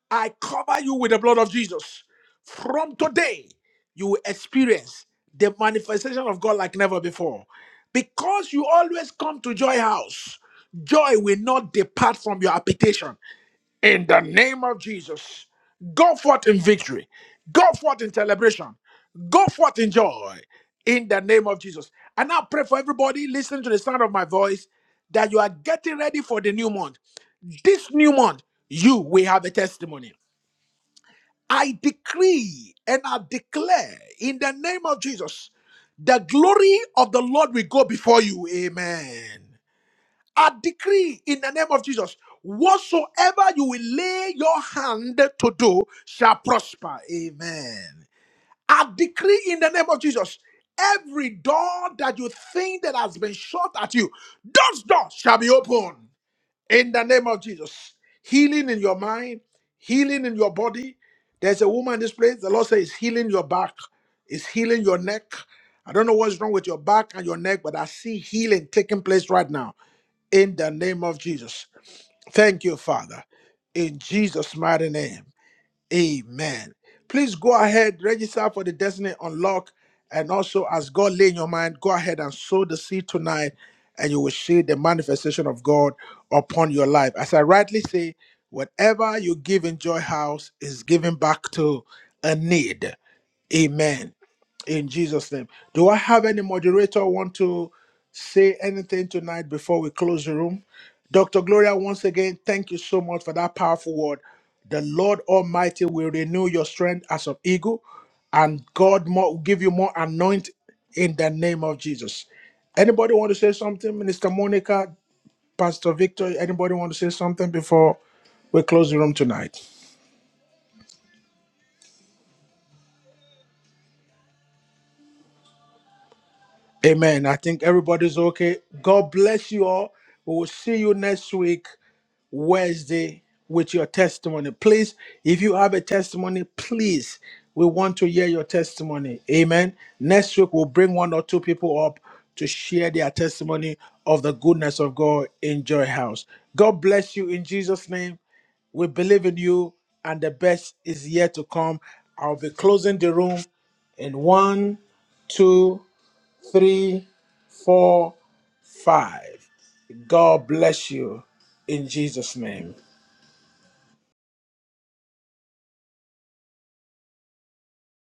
Speaker 1: I cover you with the blood of Jesus. From today, you will experience the manifestation of God like never before. Because you always come to Joy House, joy will not depart from your habitation in the name of Jesus. Go forth in victory. Go forth in celebration. Go forth in joy in the name of Jesus. And I pray for everybody listening to the sound of my voice that you are getting ready for the new month. This new month, you will have a testimony. I decree and I declare in the name of Jesus, the glory of the Lord will go before you. Amen. I decree in the name of Jesus, whatsoever you will lay your hand to do shall prosper. Amen. I decree in the name of Jesus, every door that you think that has been shut at you, those doors shall be open in the name of Jesus. Healing in your mind, healing in your body. There's a woman in this place, the Lord says, it's healing your back, it's healing your neck. I don't know what's wrong with your back and your neck, but I see healing taking place right now in the name of Jesus. Thank you, Father. In Jesus' mighty name. Amen. Please go ahead, register for the Destiny Unlock. And also, as God lay in your mind, go ahead and sow the seed tonight, and you will see the manifestation of God upon your life. As I rightly say, whatever you give in Joy House is given back to a need. Amen in Jesus' name. Do I have any moderator want to say anything tonight before we close the room? Dr. Gloria, once again, thank you so much for that powerful word. The Lord Almighty will renew your strength as of eagle, and God more, will give you more anoint in the name of Jesus. Anybody want to say something? Minister Monica, Pastor Victor, anybody want to say something before we close the room tonight? Amen. I think everybody's okay. God bless you all. We will see you next week. Wednesday with your testimony. Please, if you have a testimony, please, we want to hear your testimony. Amen. Next week, we'll bring one or two people up to share their testimony of the goodness of God in Joy House. God bless you in Jesus' name. We believe in you, and the best is yet to come. I'll be closing the room in one, two, three, four, five.